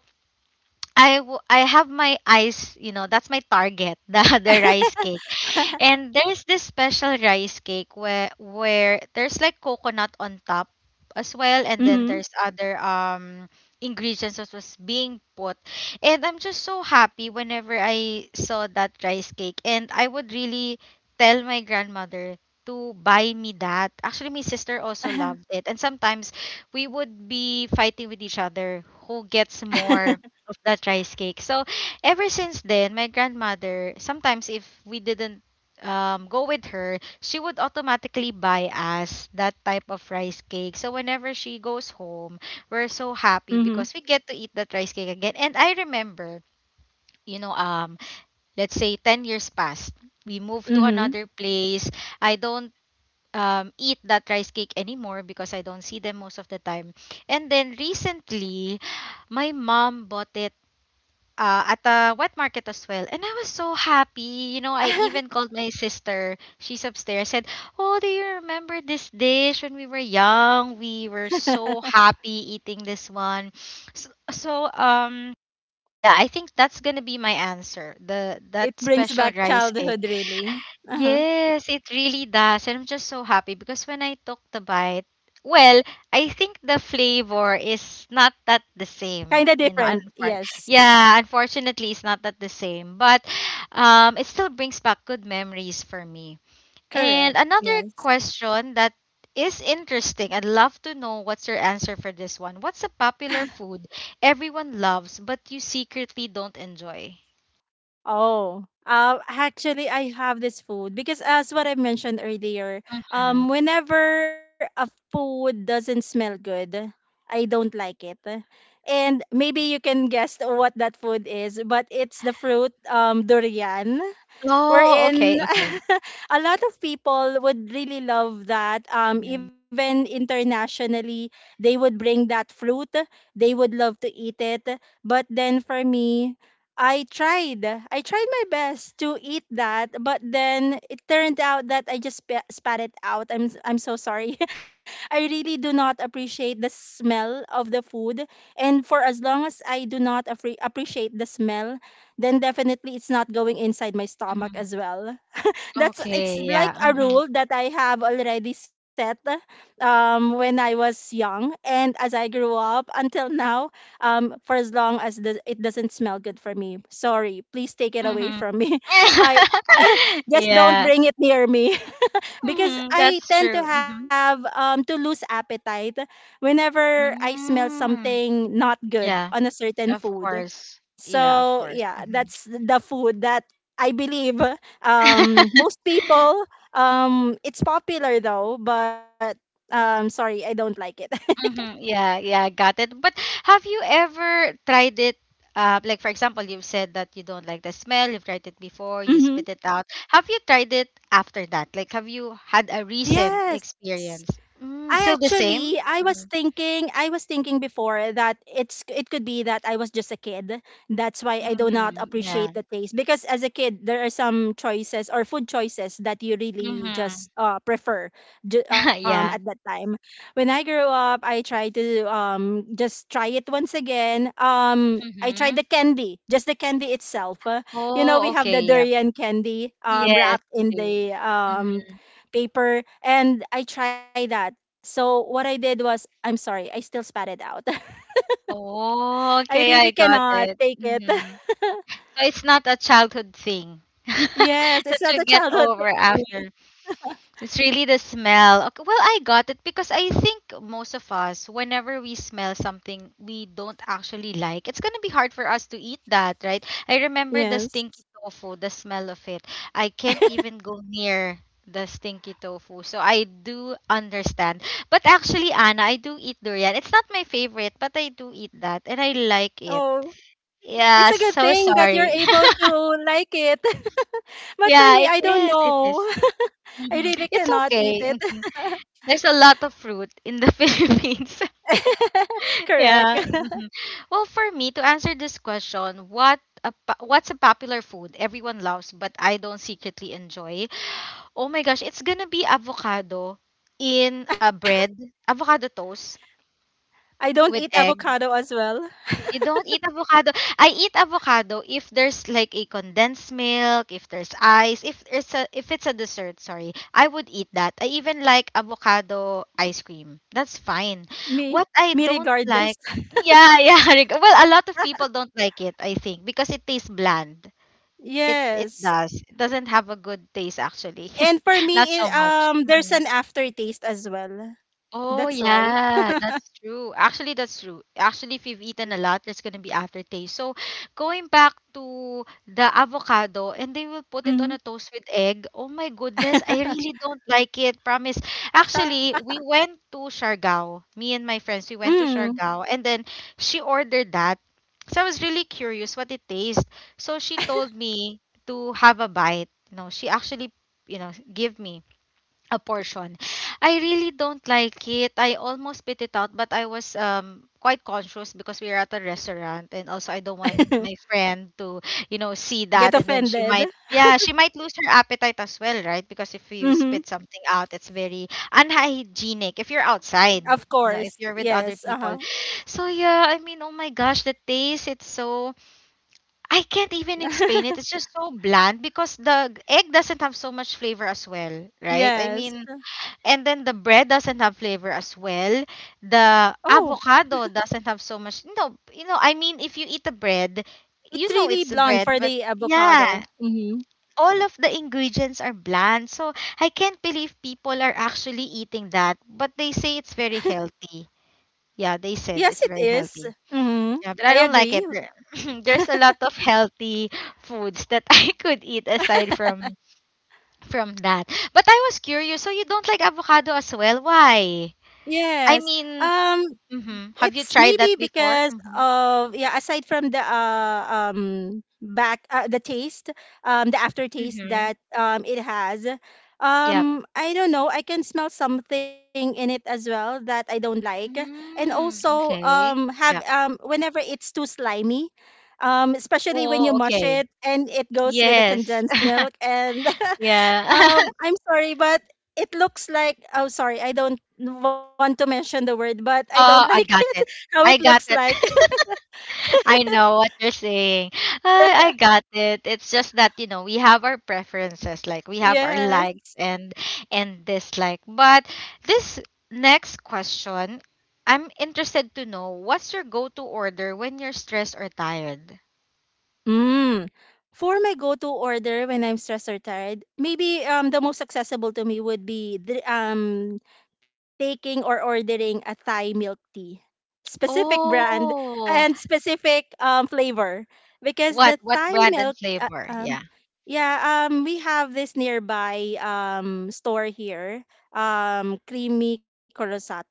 I have my eyes, you know, that's my target, <laughs> the rice cake.
<laughs>
And there's this special rice cake where there's like coconut on top as well, and
Mhm.
then there's other ingredients that was being put. And I'm just so happy whenever I saw that rice cake, and I would really tell my grandmother to buy me that. Actually, my sister also loved it. And sometimes we would be fighting with each other who gets more of that rice cake. So ever since then, my grandmother, sometimes if we didn't go with her, she would automatically buy us that type of rice cake. So whenever she goes home, we're so happy
Mhm.
because we get to eat that rice cake again. And I remember, you know, let's say 10 years passed, we moved to
Mhm.
another place. I don't eat that rice cake anymore because I don't see them most of the time. And then recently, my mom bought it at a wet market as well. And I was so happy. You know, I even
<laughs>
called my sister. She's upstairs. I said, "Oh, do you remember this dish when we were young? We were
<laughs>
so happy eating this one." So, yeah, I think that's gonna be my answer. The
It
That
brings
special
back
rice cake.
childhood, really. Uh-huh.
Yes, it really does. And I'm just so happy because when I took the bite, well, I think the flavor is not that the
Kind of
same. You know,
different. Yes.
yeah, unfortunately, it's not that the same. But it still brings back good memories for me. And
Correct.
another
Yes.
question that is interesting. I'd love to know what's your answer for this one. What's a popular food everyone loves but you secretly don't enjoy?
Oh. Actually, I have this food because, as what I mentioned earlier,
Mhm.
whenever a food doesn't smell good, I don't like it. And maybe you can guess what that food is, but it's the fruit, durian.
Oh, okay,
Wherein
okay.
<laughs> a lot of people would really love that.
Mhm.
Even internationally, they would bring that fruit. They would love to eat it. But then for me, I tried my best to eat that, but then it turned out that I just spat it out. I'm so sorry. <laughs> I really do not appreciate the smell of the food, and for as long as I do not appreciate the smell, then definitely it's not going inside my stomach
Mhm.
as well. That's
Okay,
it's like
yeah,
a
mhm,
rule that I have already set when I was young, and as I grew up until now, for as long as it doesn't smell good for me. Sorry, please take it away
mhm.
from me. <laughs> I
<laughs>
<laughs> just don't
Yeah,
bring it near me <laughs> because
mhm,
I
that's
tend to
true,
have
mhm.
to lose appetite whenever I smell
Mm,
something not good
yeah,
on a certain
of
food.
course. Yeah, of
So
course,
yeah,
mhm.
that's the food that I believe
Mhm,
most people. It's popular though, but sorry, I don't like it.
<laughs> yeah, yeah, got it. But have you ever tried it, like, for example, you've said that you don't like the smell, you've tried it before,
<laughs>
you
Hmm.
spit it out. Have you tried it after that? Like, have you had a recent
Yes.
experience? Mm, still the same? Mhm,
I was thinking before that it could be that I was just a kid. That's why I do not
mhm, yeah.
appreciate the taste, because as a kid there are some choices or food choices that you really
Mm-hmm.
just prefer
<laughs>
at that
Yeah.
time. When I grew up, I tried to just try it once again. I tried the
Mhm.
candy, just the candy itself. You know,
Oh,
we have the
okay, yep.
durian candy
Yes,
wrapped
we
in
do.
the
Mhm.
paper, and I tried that. So what I did was, I'm sorry, I still spat it out. <laughs>
Oh,
I
okay,
really
I got
cannot
it.
take it.
Mhm.
<laughs>
So it's not a childhood thing
Yes,
<laughs> that
it's not
you
a
get
childhood
over
thing for me.
after. It's really the smell. Okay, well, I got it because I think most of us, whenever we smell something we don't actually like, it's gonna be hard for us to eat that, right? I remember the
Yes.
stinky tofu, the smell of it. I can't even go near the stinky tofu. So I do understand. But actually, Anna, I do eat durian. It's not my favorite, but I do eat that and I like it.
Oh, it's
Yeah,
a good
so
thing that you're
sorry.
able to like it. <laughs>
<laughs>
But for
Yeah,
me,
it
I don't
is. It
know.
is.
<laughs> I
Mhm.
really
It's
cannot eat
okay.
it.
Mm-hmm. There's a lot of fruit in the <laughs> Philippines.
<laughs>
<laughs>
Correct.
Yeah.
<laughs>
Mhm. Well, for me to answer this question, what's a popular food everyone loves but I don't secretly enjoy? Oh my gosh, it's gonna be avocado in a bread, avocado toast
I don't eat
with egg.
avocado as well.
You don't eat avocado. I eat avocado if there's like a condensed milk, if there's ice, if it's a dessert, sorry. I would eat that. I even like avocado ice cream. That's fine.
Me,
What
me
I don't
regardless.
like. Yeah, <laughs> yeah. Well, a lot of people don't like it, I think, because it tastes bland.
<laughs>
It
Yes.
does. It doesn't have a good taste actually.
And for
<laughs> Not
me,
so
it
much.
there's
Mm-hmm.
an aftertaste as well. That's
Oh
why.
yeah, that's true. Actually, that's true. Actually, if you've eaten a lot, there's gonna be aftertaste. So, going back to the avocado, and they will put it on
Mhm.
a toast with egg. Oh my goodness, I really don't like it. Promise.
<laughs>
Actually, we went to Siargao. Me and my friends, we went to
Mm.
Siargao, and then she ordered that. So I was really curious what it tastes. So she told me to have a bite. You know, she actually, you know, give me a portion. I really don't like it. I almost spit it out, but I was quite conscious because we were at a restaurant, and also I don't want
<laughs>
my friend to, you know, see
Get
that, and then she
offended.
might, yeah, she might lose her appetite as well, right? Because if you
Mhm.
spit something out, it's very unhygienic if you're
Of
outside.
course.
You know, if you're with
Yes.
other
Uh-huh.
people. So yeah, I mean, oh my gosh, the taste, it's so I can't even explain it.
<laughs>
It's just so bland because the egg doesn't have so much flavor as well, right? I
Yes.
mean, and then the bread doesn't have flavor as well. The
Oh,
avocado doesn't have so much. No, you know, I mean, if you eat the bread,
it's
you know
really
it's a
blonde for
bread, but
the avocado.
yeah,
Mm-hmm.
all of the ingredients are bland. So I can't believe people are actually eating that, but they say it's very healthy. Yeah, they
Yes, it
said it's very
is.
healthy.
Mm-hmm.
Yeah,
I
but I don't
agree.
like it. There- <laughs> <clears throat> There's a lot of healthy foods that <laughs> I could eat aside from that. But I was curious. So you don't like avocado as well? Why?
Yes.
I
Um,
mean, mhm.
it's
Have you
maybe
tried that
because
before? Mhm.
of yeah, aside from the back the taste, the aftertaste
Mhm.
that it has.
Yep.
Um, I don't know, I can smell something in it as well that I don't like. And
Mm,
also
okay.
have
Yep.
whenever it's too slimy, especially when you
Oh,
mush
okay.
it and it goes with the
Yes.
condensed
<laughs>
milk. And <laughs>
Yeah. <laughs>
um, I'm sorry, but it looks like, oh sorry, I don't want to mention the word, but I don't like <laughs>
Oh, I
it
got it.
how it
I
looks
got
like.
it. <laughs> I know what you're saying. I got it. It's just that, you know, we have our preferences, like we have our
<laughs> Yes.
likes and dislike. But this next question, I'm interested to know what's your go-to order when you're stressed or tired?
Mm. For my go-to order when I'm stressed or tired, maybe the most accessible to me would be taking or ordering a Thai milk tea, specific brand and
Oh,
specific flavor, because the
what
Thai
brand
milk
and
uh,
flavor?
um
Yeah.
yeah, we have this nearby store here, Creamy Corosato,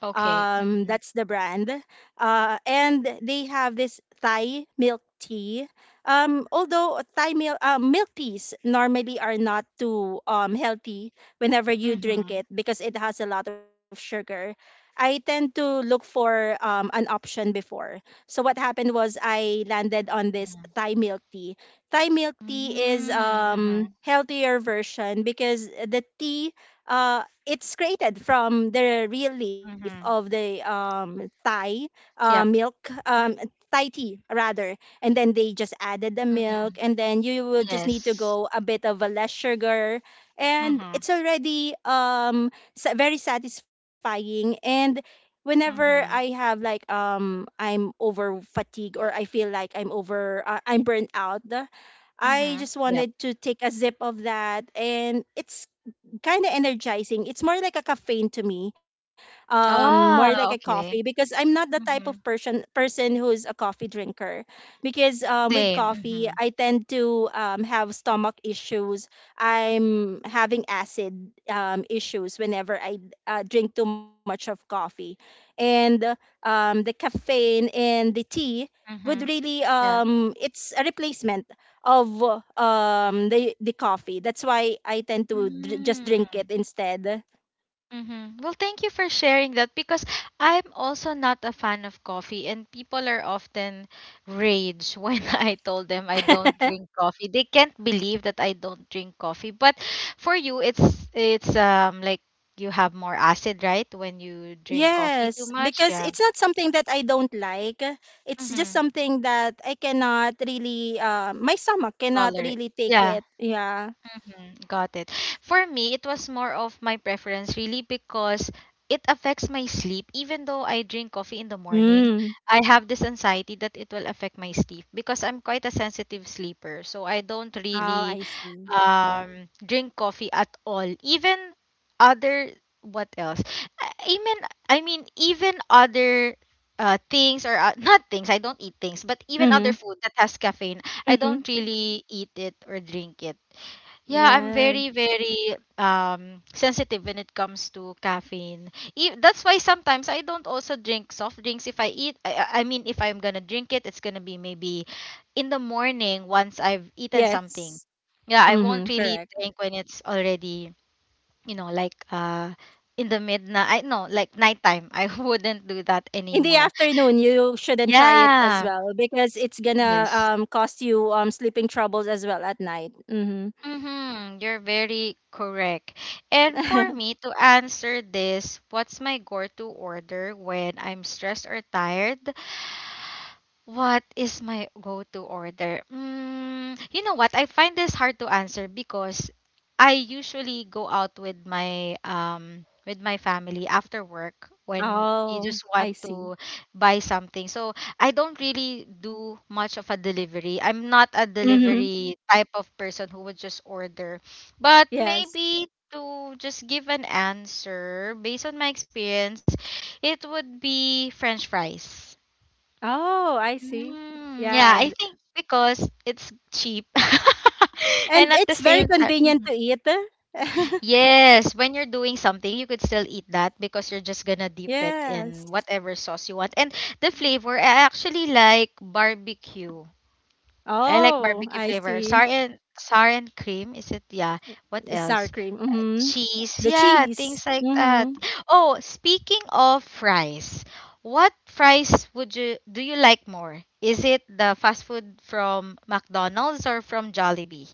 Okay.
that's the
Mhm.
brand, and they have this Thai milk tea. Although Thai milk milk teas normally are not too healthy whenever you drink
Mhm.
it because it has a lot of sugar. I tend to look for an option before. So what happened was I landed on this Thai milk tea. Thai milk tea is
Mhm. Mhm.
healthier version because the tea it's created from the real leaf of
Mhm.
the Thai
Yep.
milk, um, Thai tea rather, and then they just added the milk,
Mhm.
and then you will just need to
Yes.
go a bit of a less sugar, and
Mhm.
it's already very satisfying. And whenever I
Mhm.
have like I'm over fatigued, or I feel like I'm over I'm burnt out, I
Mhm.
just
Yep.
wanted to take a sip of that, and it's kind of energizing. It's more like a caffeine to me, more like a
Oh,
coffee, because
okay.
I'm not the type of
Mhm.
person who's a coffee drinker. Because with
Same.
coffee,
Mhm.
I tend to have stomach issues. I'm having acid issues whenever I drink too much of coffee, and the caffeine and the tea would
Mhm.
really it's a replacement of the coffee. That's why I tend to just drink
Yeah.
it instead.
Mm-hmm. Well, thank you for sharing that because I'm also not a fan of coffee, and people are often rage when <laughs> I told them I don't drink coffee. They can't believe that I don't drink coffee. But for you, it's like you have more acid, right? When you drink coffee
Yes,
too
because
much,
it's
yeah.
not something that I don't like. It's just
Mm-hmm.
something that I cannot really my stomach
Tolerate,
cannot really
yeah.
take it. Yeah.
Mhm, got it. For me, it was more of my preference really because it affects my sleep. Even though I drink coffee in the morning,
Mm.
I have this anxiety that it will affect my sleep because I'm quite a sensitive sleeper. So I don't really
Oh, I see.
drink coffee at all. Even other, what else? I I mean I mean even other things or not things. I don't eat things, but even other
Mhm.
food that has caffeine, I don't
Mhm.
really eat it or drink it. Yeah, I'm very,
Yeah.
very sensitive when it comes to caffeine. That's why sometimes I don't also drink soft drinks. If I eat, if I'm gonna drink it, it's gonna be maybe in the morning once I've eaten something.
Yes.
Yeah, I won't
Mhm,
really
correct.
drink when it's already, you know, like uh in the midnight. I no, like nighttime. <laughs> I wouldn't do that
In the
anymore.
afternoon, you shouldn't try it as
Yeah.
well because it's gonna
Yes.
cause you sleeping troubles as well at night. Mhm.
Mm-hmm, you're very correct. And for me
<laughs>
to answer this, what's my go-to order when I'm stressed or tired? What is my go-to order? Mm, you know what? I find this hard to answer because I usually go out with my family after work when
Oh,
we
I
just want
see.
to buy something. So I don't really do much of a delivery. I'm not a
Mm-hmm.
delivery type of person who would just order. But
Yes.
maybe to just give an answer based on my experience, it would be French fries.
Oh, I see.
Mm, yeah,
Yeah.
I
Th-
think because it's cheap. <laughs> And
And
at the
it's very
same time,
convenient
Mhm.
to eat. <laughs>
yes, when you're doing something, you could still eat that because you're just gonna dip it
Yes.
in whatever sauce you want. And the flavor, I actually like barbecue. I like
Oh,
barbecue
I
flavor.
see.
Sour and sour and cream, is it? Yeah. What
Sour
else?
cream. Mm-hmm.
Cheese,
The
yeah,
cheese.
things like that.
Mm-hmm.
Oh, speaking of fries, what fries would you do you like more? Is it the fast food from McDonald's or from Jollibee?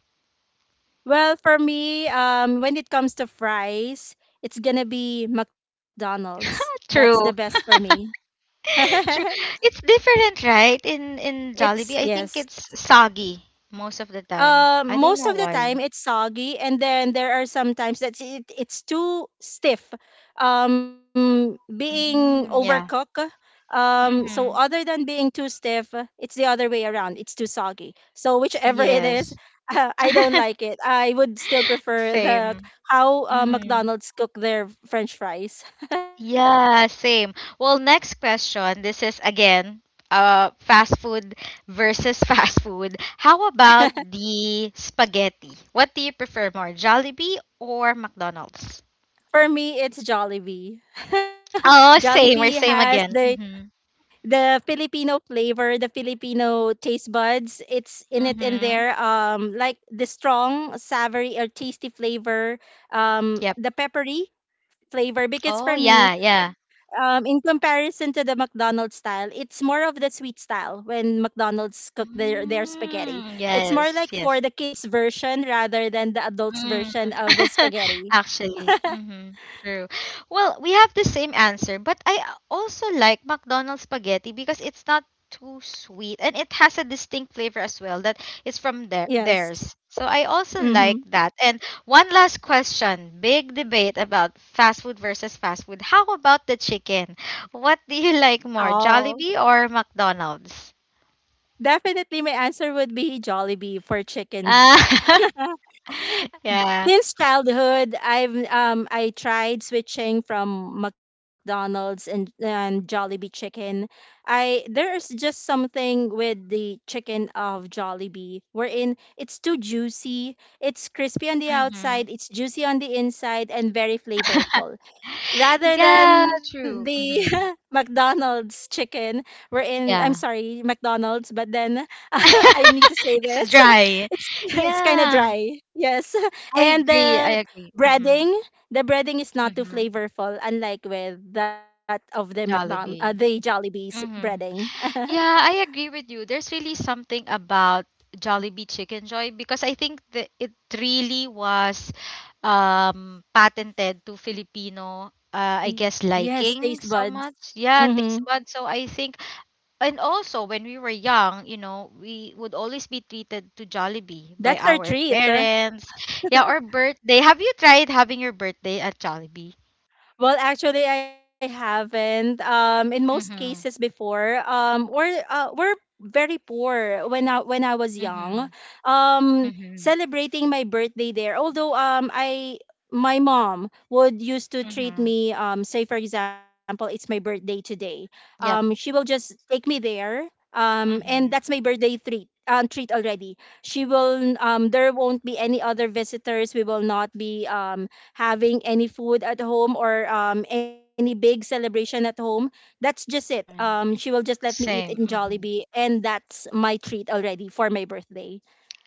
Well, for me, when it comes to fries, it's gonna be McDonald's. That's the best
True.
for me. <laughs>
<laughs> True. It's different, right? In
It's
Jollibee, I
yes,
think it's soggy most of the time. I don't
most
know
of the time
why.
it's soggy, and then there are some times that it's too stiff, being
Mm, yeah.
overcooked, so
Mm-hmm.
other than being too stiff, it's the other way around, it's too soggy, so whichever it is,
Yes.
<laughs> I don't
<laughs>
like it. I would still prefer the
Same.
how
Mm-hmm.
McDonald's cook their french fries.
Yeah, same. Well, next question. This is again fast food versus <laughs> fast food. How about the spaghetti? What do you prefer more, Jollibee or McDonald's?
<laughs> For me it's Jollibee. <laughs>
Oh,
Jollibee
same. We're
has
same
the
again. Mhm.
the Filipino flavor, the Filipino taste buds. It's in it in
Mhm.
there. Like the strong, savory or tasty flavor.
Yep.
The peppery flavor. Because
Oh,
for me,
yeah, yeah.
in comparison to the McDonald's style, it's more of the sweet style when McDonald's cook their spaghetti.
Mm,
It's more
yes,
like for
yes.
the kids version rather than the adults
Mm.
version of the
<laughs>
spaghetti. <laughs>
Actually, mm-hmm. True. Well, we have the same answer, but I also like McDonald's spaghetti because it's not too sweet and it has a distinct flavor as well that is from their
Yes.
theirs. So I also
Mm-hmm.
like that. And one last question, big debate about fast food versus fast food. How about the chicken? What do you <laughs> like more, Jollibee or McDonald's?
Definitely, my answer would be Jollibee for chicken.
Ah,
<laughs>
<laughs> yeah.
Since childhood, I've I tried switching from McDonald's and Jollibee chicken. I there's just something with the chicken of Jollibee wherein it's too juicy. It's crispy on the
Mm-hmm.
outside, it's juicy on the inside, and very flavorful rather
Yeah,
than the
true.
<laughs>
Mm-hmm.
McDonald's chicken, we're in I'm
Yeah.
sorry McDonald's, but then <laughs> I need to say
<laughs>
this.
It's
<laughs>
dry.
It's <laughs> it's kind of
Yeah,
dry, yes. <laughs>
I
And
agree. I agree. Mm-hmm.
breading the breading is not too
Mm-hmm.
flavorful, unlike with that of the McDonald the
Jollibee.
Jollibee's
Mm-hmm.
breading.
Yeah, I agree with you. There's really something about Jollibee Chicken Joy because I think that it really was patented to Filipino I
Yes,
guess
taste buds.
liking so much. Yeah,
Mhm.
taste bud. So I think and also when we were young, you know, we would always be treated to Jollibee by
That's our
our
treat.
parents. Yeah, or
<laughs>
birthday. Have you tried having your birthday at Jollibee?
Well, actually, I haven't. In most cases
Mm-hmm.
before, we're very poor when I was young.
Mm-hmm. Mm-hmm.
Celebrating my birthday there, although I my mom would used to treat
Mm-hmm.
me. Say for example, it's my birthday today. She
Yep.
will just take me there. And
Mm-hmm.
that's my birthday treat. Treat already. She will. There won't be any other visitors. We will not be. Having any food at home or any big celebration at home. That's just it.
Mm-hmm.
She will just let me eat in
Same.
Jollibee,
Mm-hmm.
and that's my treat already for my birthday.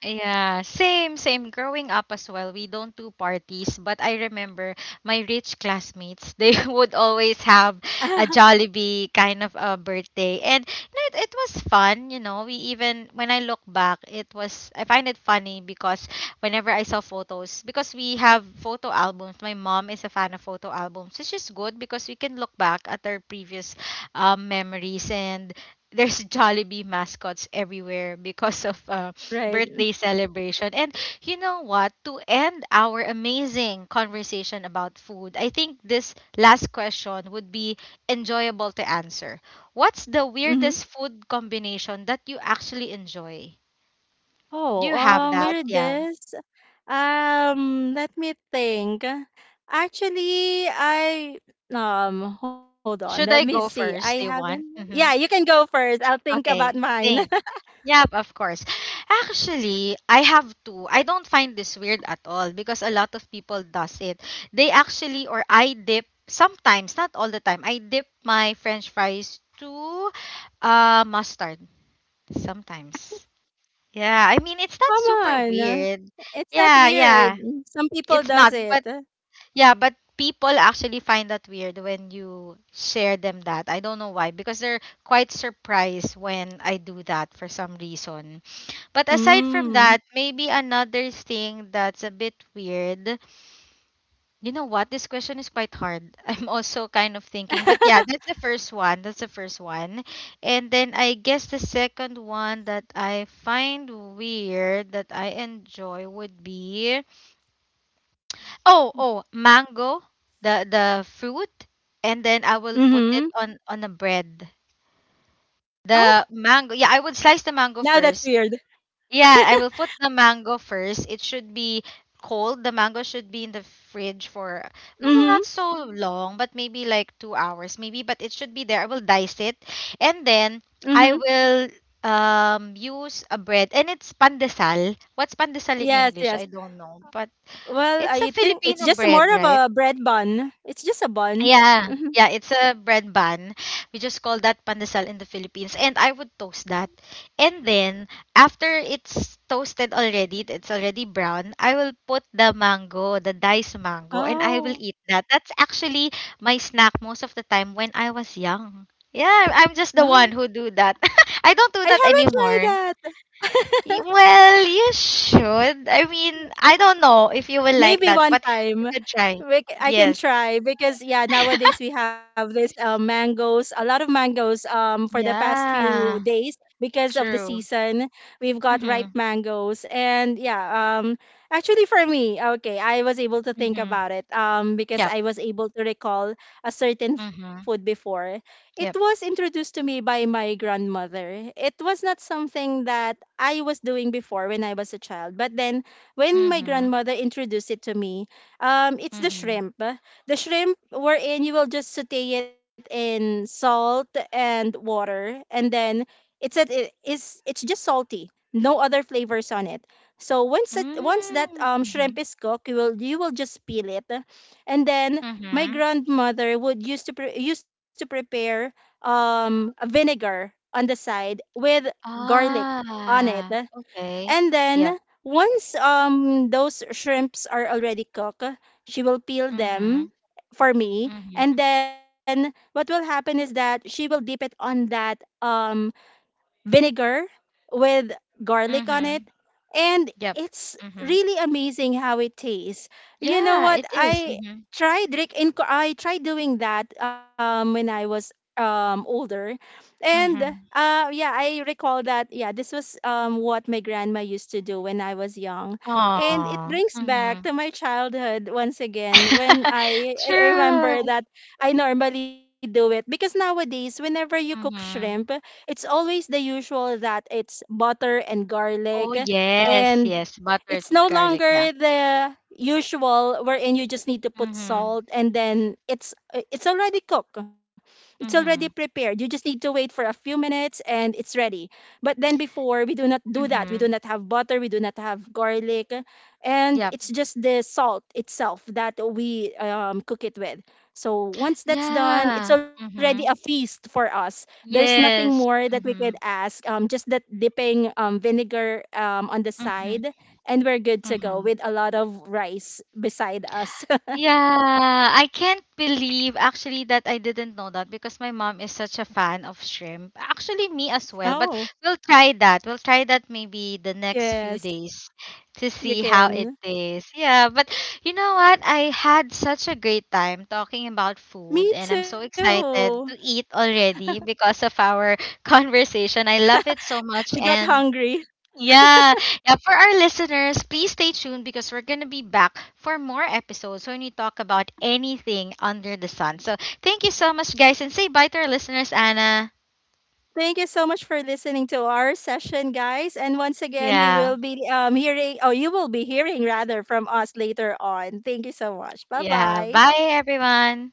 Yeah, same, same. Growing up as well, we don't do parties, but I remember my rich classmates, they <laughs> would always have
<laughs>
a Jollibee kind of a birthday. And you know, it was fun, you know. We even, when I look back, it was, I find it funny because whenever I saw photos, because we have photo albums, my mom is a fan of photo albums, which is good because we can look back at our previous memories. And there's Jollibee mascots everywhere because of
Right.
birthday celebration. And you know what? To end our amazing conversation about food, I think this last question would be enjoyable to answer. What's the
Mm-hmm.
weirdest food combination that you actually enjoy?
Oh,
Do you have that? Yeah.
weirdest. Let me think. Actually, I hold on. Let me
Should I
see.
go
I
first? Do
haven't.
you want?
Yeah, you
Mm-hmm.
can go first. I'll think about
Okay.
mine.
Think.
<laughs>
Yep, of course. Actually, I have two. I don't find this weird at all because a lot of people does it. They actually or I dip sometimes, not all the time. I dip my french fries to mustard sometimes. Yeah, I mean it's not
Come
super
on.
weird.
It's
Yeah,
not
yeah.
weird. Some
It's
people
not,
does
but
it.
yeah, but people actually find that weird when you share them that. I don't know why because they're quite surprised when I do that for some reason. But aside from that,
Mm.
maybe another thing that's a bit weird. You know what? This question is quite hard. <laughs> I'm also kind of thinking, but yeah,
<laughs>
that's the first one. That's the first one. And then I guess the second one that I find weird that I enjoy would be oh, oh, mango, the fruit, and then I will put
Mm-hmm.
it on a bread.
Oh,
The mango. Yeah, I would slice the mango
now that's
first.
weird. <laughs>
Yeah, I will put the mango first. It should be cold. The mango should be in the fridge for well,
Mm-hmm.
not so long, but maybe like 2 hours, maybe. But it should be there. I will dice it, and then
Mm-hmm.
I will use a bread, and it's pandesal. What's pandesal in
Yes,
English?
yes.
I don't know, but
Well,
it's a
I think it's
Filipino
just more
bread,
of
right?
a bread bun. It's just a bun.
Yeah,
Mm-hmm.
yeah, it's a bread bun. We just call that pandesal in the Philippines. And I would toast that. And then after it's toasted already, it's already brown, I will put the mango, the diced mango, and I will
Oh.
eat that. That's actually my snack most of the time when I was young. Yeah, I'm just
No,
the one who do that. <laughs> I don't do that
I haven't
anymore.
tried that. <laughs>
Well, you should. I mean, I don't know if you will like
Maybe
that,
one
but you
time
could try.
I can
Yes.
try, because yeah, nowadays we have this mangoes, a lot of mangoes for the past few
Yeah.
days because of the
True.
season. We've got ripe
Mhm.
mangoes, and yeah, um, actually for me, okay, I was able to think
Mhm.
about it because
Yep.
I was able to recall a certain food
Mhm.
before. It was
Yep.
introduced to me by my grandmother. It was not something that I was doing before when I was a child, but then when my
Mhm.
grandmother introduced it to me, it's the
Mhm.
shrimp. The shrimp wherein you will just saute it in salt and water, and then it's just salty, no other flavors on it. So once that
Mm.
shrimp
Mhm.
is cooked, you will just peel it, and then my
Mhm.
grandmother would used to prepare a vinegar on the side with garlic on it,
Ah. Okay.
and
Yep.
then once those shrimps are already cooked, she will peel them
Mhm.
for me. And
Mhm.
then what will happen is that she will dip it on that vinegar with garlic on it,
Mhm.
and
Yep.
it's
Mhm.
really amazing how it tastes. You know
Yeah,
what,
it is. Mhm.
I tried doing that when I was older, and
Mhm.
uh, yeah, I recall that. Yeah, this was what my grandma used to do when I was young, and it
Aw.
brings back
Mhm.
to my childhood once again when
<laughs>
I
True.
remember that. I normally do it because nowadays whenever you cook shrimp,
Mhm.
it's always the usual that it's butter and garlic,
Oh yes,
and
yes. Buttered
it's no
garlic. Yeah.
longer the usual wherein you just need to put
Mhm.
salt and then it's already cooked, it's already
Mhm.
prepared, you just need to wait for a few minutes and it's ready. But then before, we do not do that, we do
Mhm.
not have butter, we do not have garlic, and
Yep.
it's just the salt itself that we cook it with. So once that's done, it's
Yeah.
already a
Mhm.
feast for us. There's nothing more
Yes.
that we could
Mm-hmm.
ask. Just that dipping vinegar on the
Mm-hmm.
side, and we're good to go
Mm-hmm.
with a lot of rice beside us. <laughs>
Yeah, I can't believe actually that I didn't know that because my mom is such a fan of shrimp. Actually, me as well,
Oh.
but we'll try that. We'll try that maybe the next few
Yes,
days to
you
see how it
can.
is. Yeah, but you know what? I had such a great time talking about food,
Me
and I'm so
too.
excited to eat already because of our <laughs> conversation. I love it so
We
much,
got
and
hungry.
Yeah. Yeah. For our listeners, please stay tuned because we're going to be back for more episodes when we talk about anything under the sun. So thank you so much, guys. And say bye to our listeners, Anna. Yeah. Yeah. Bye, everyone.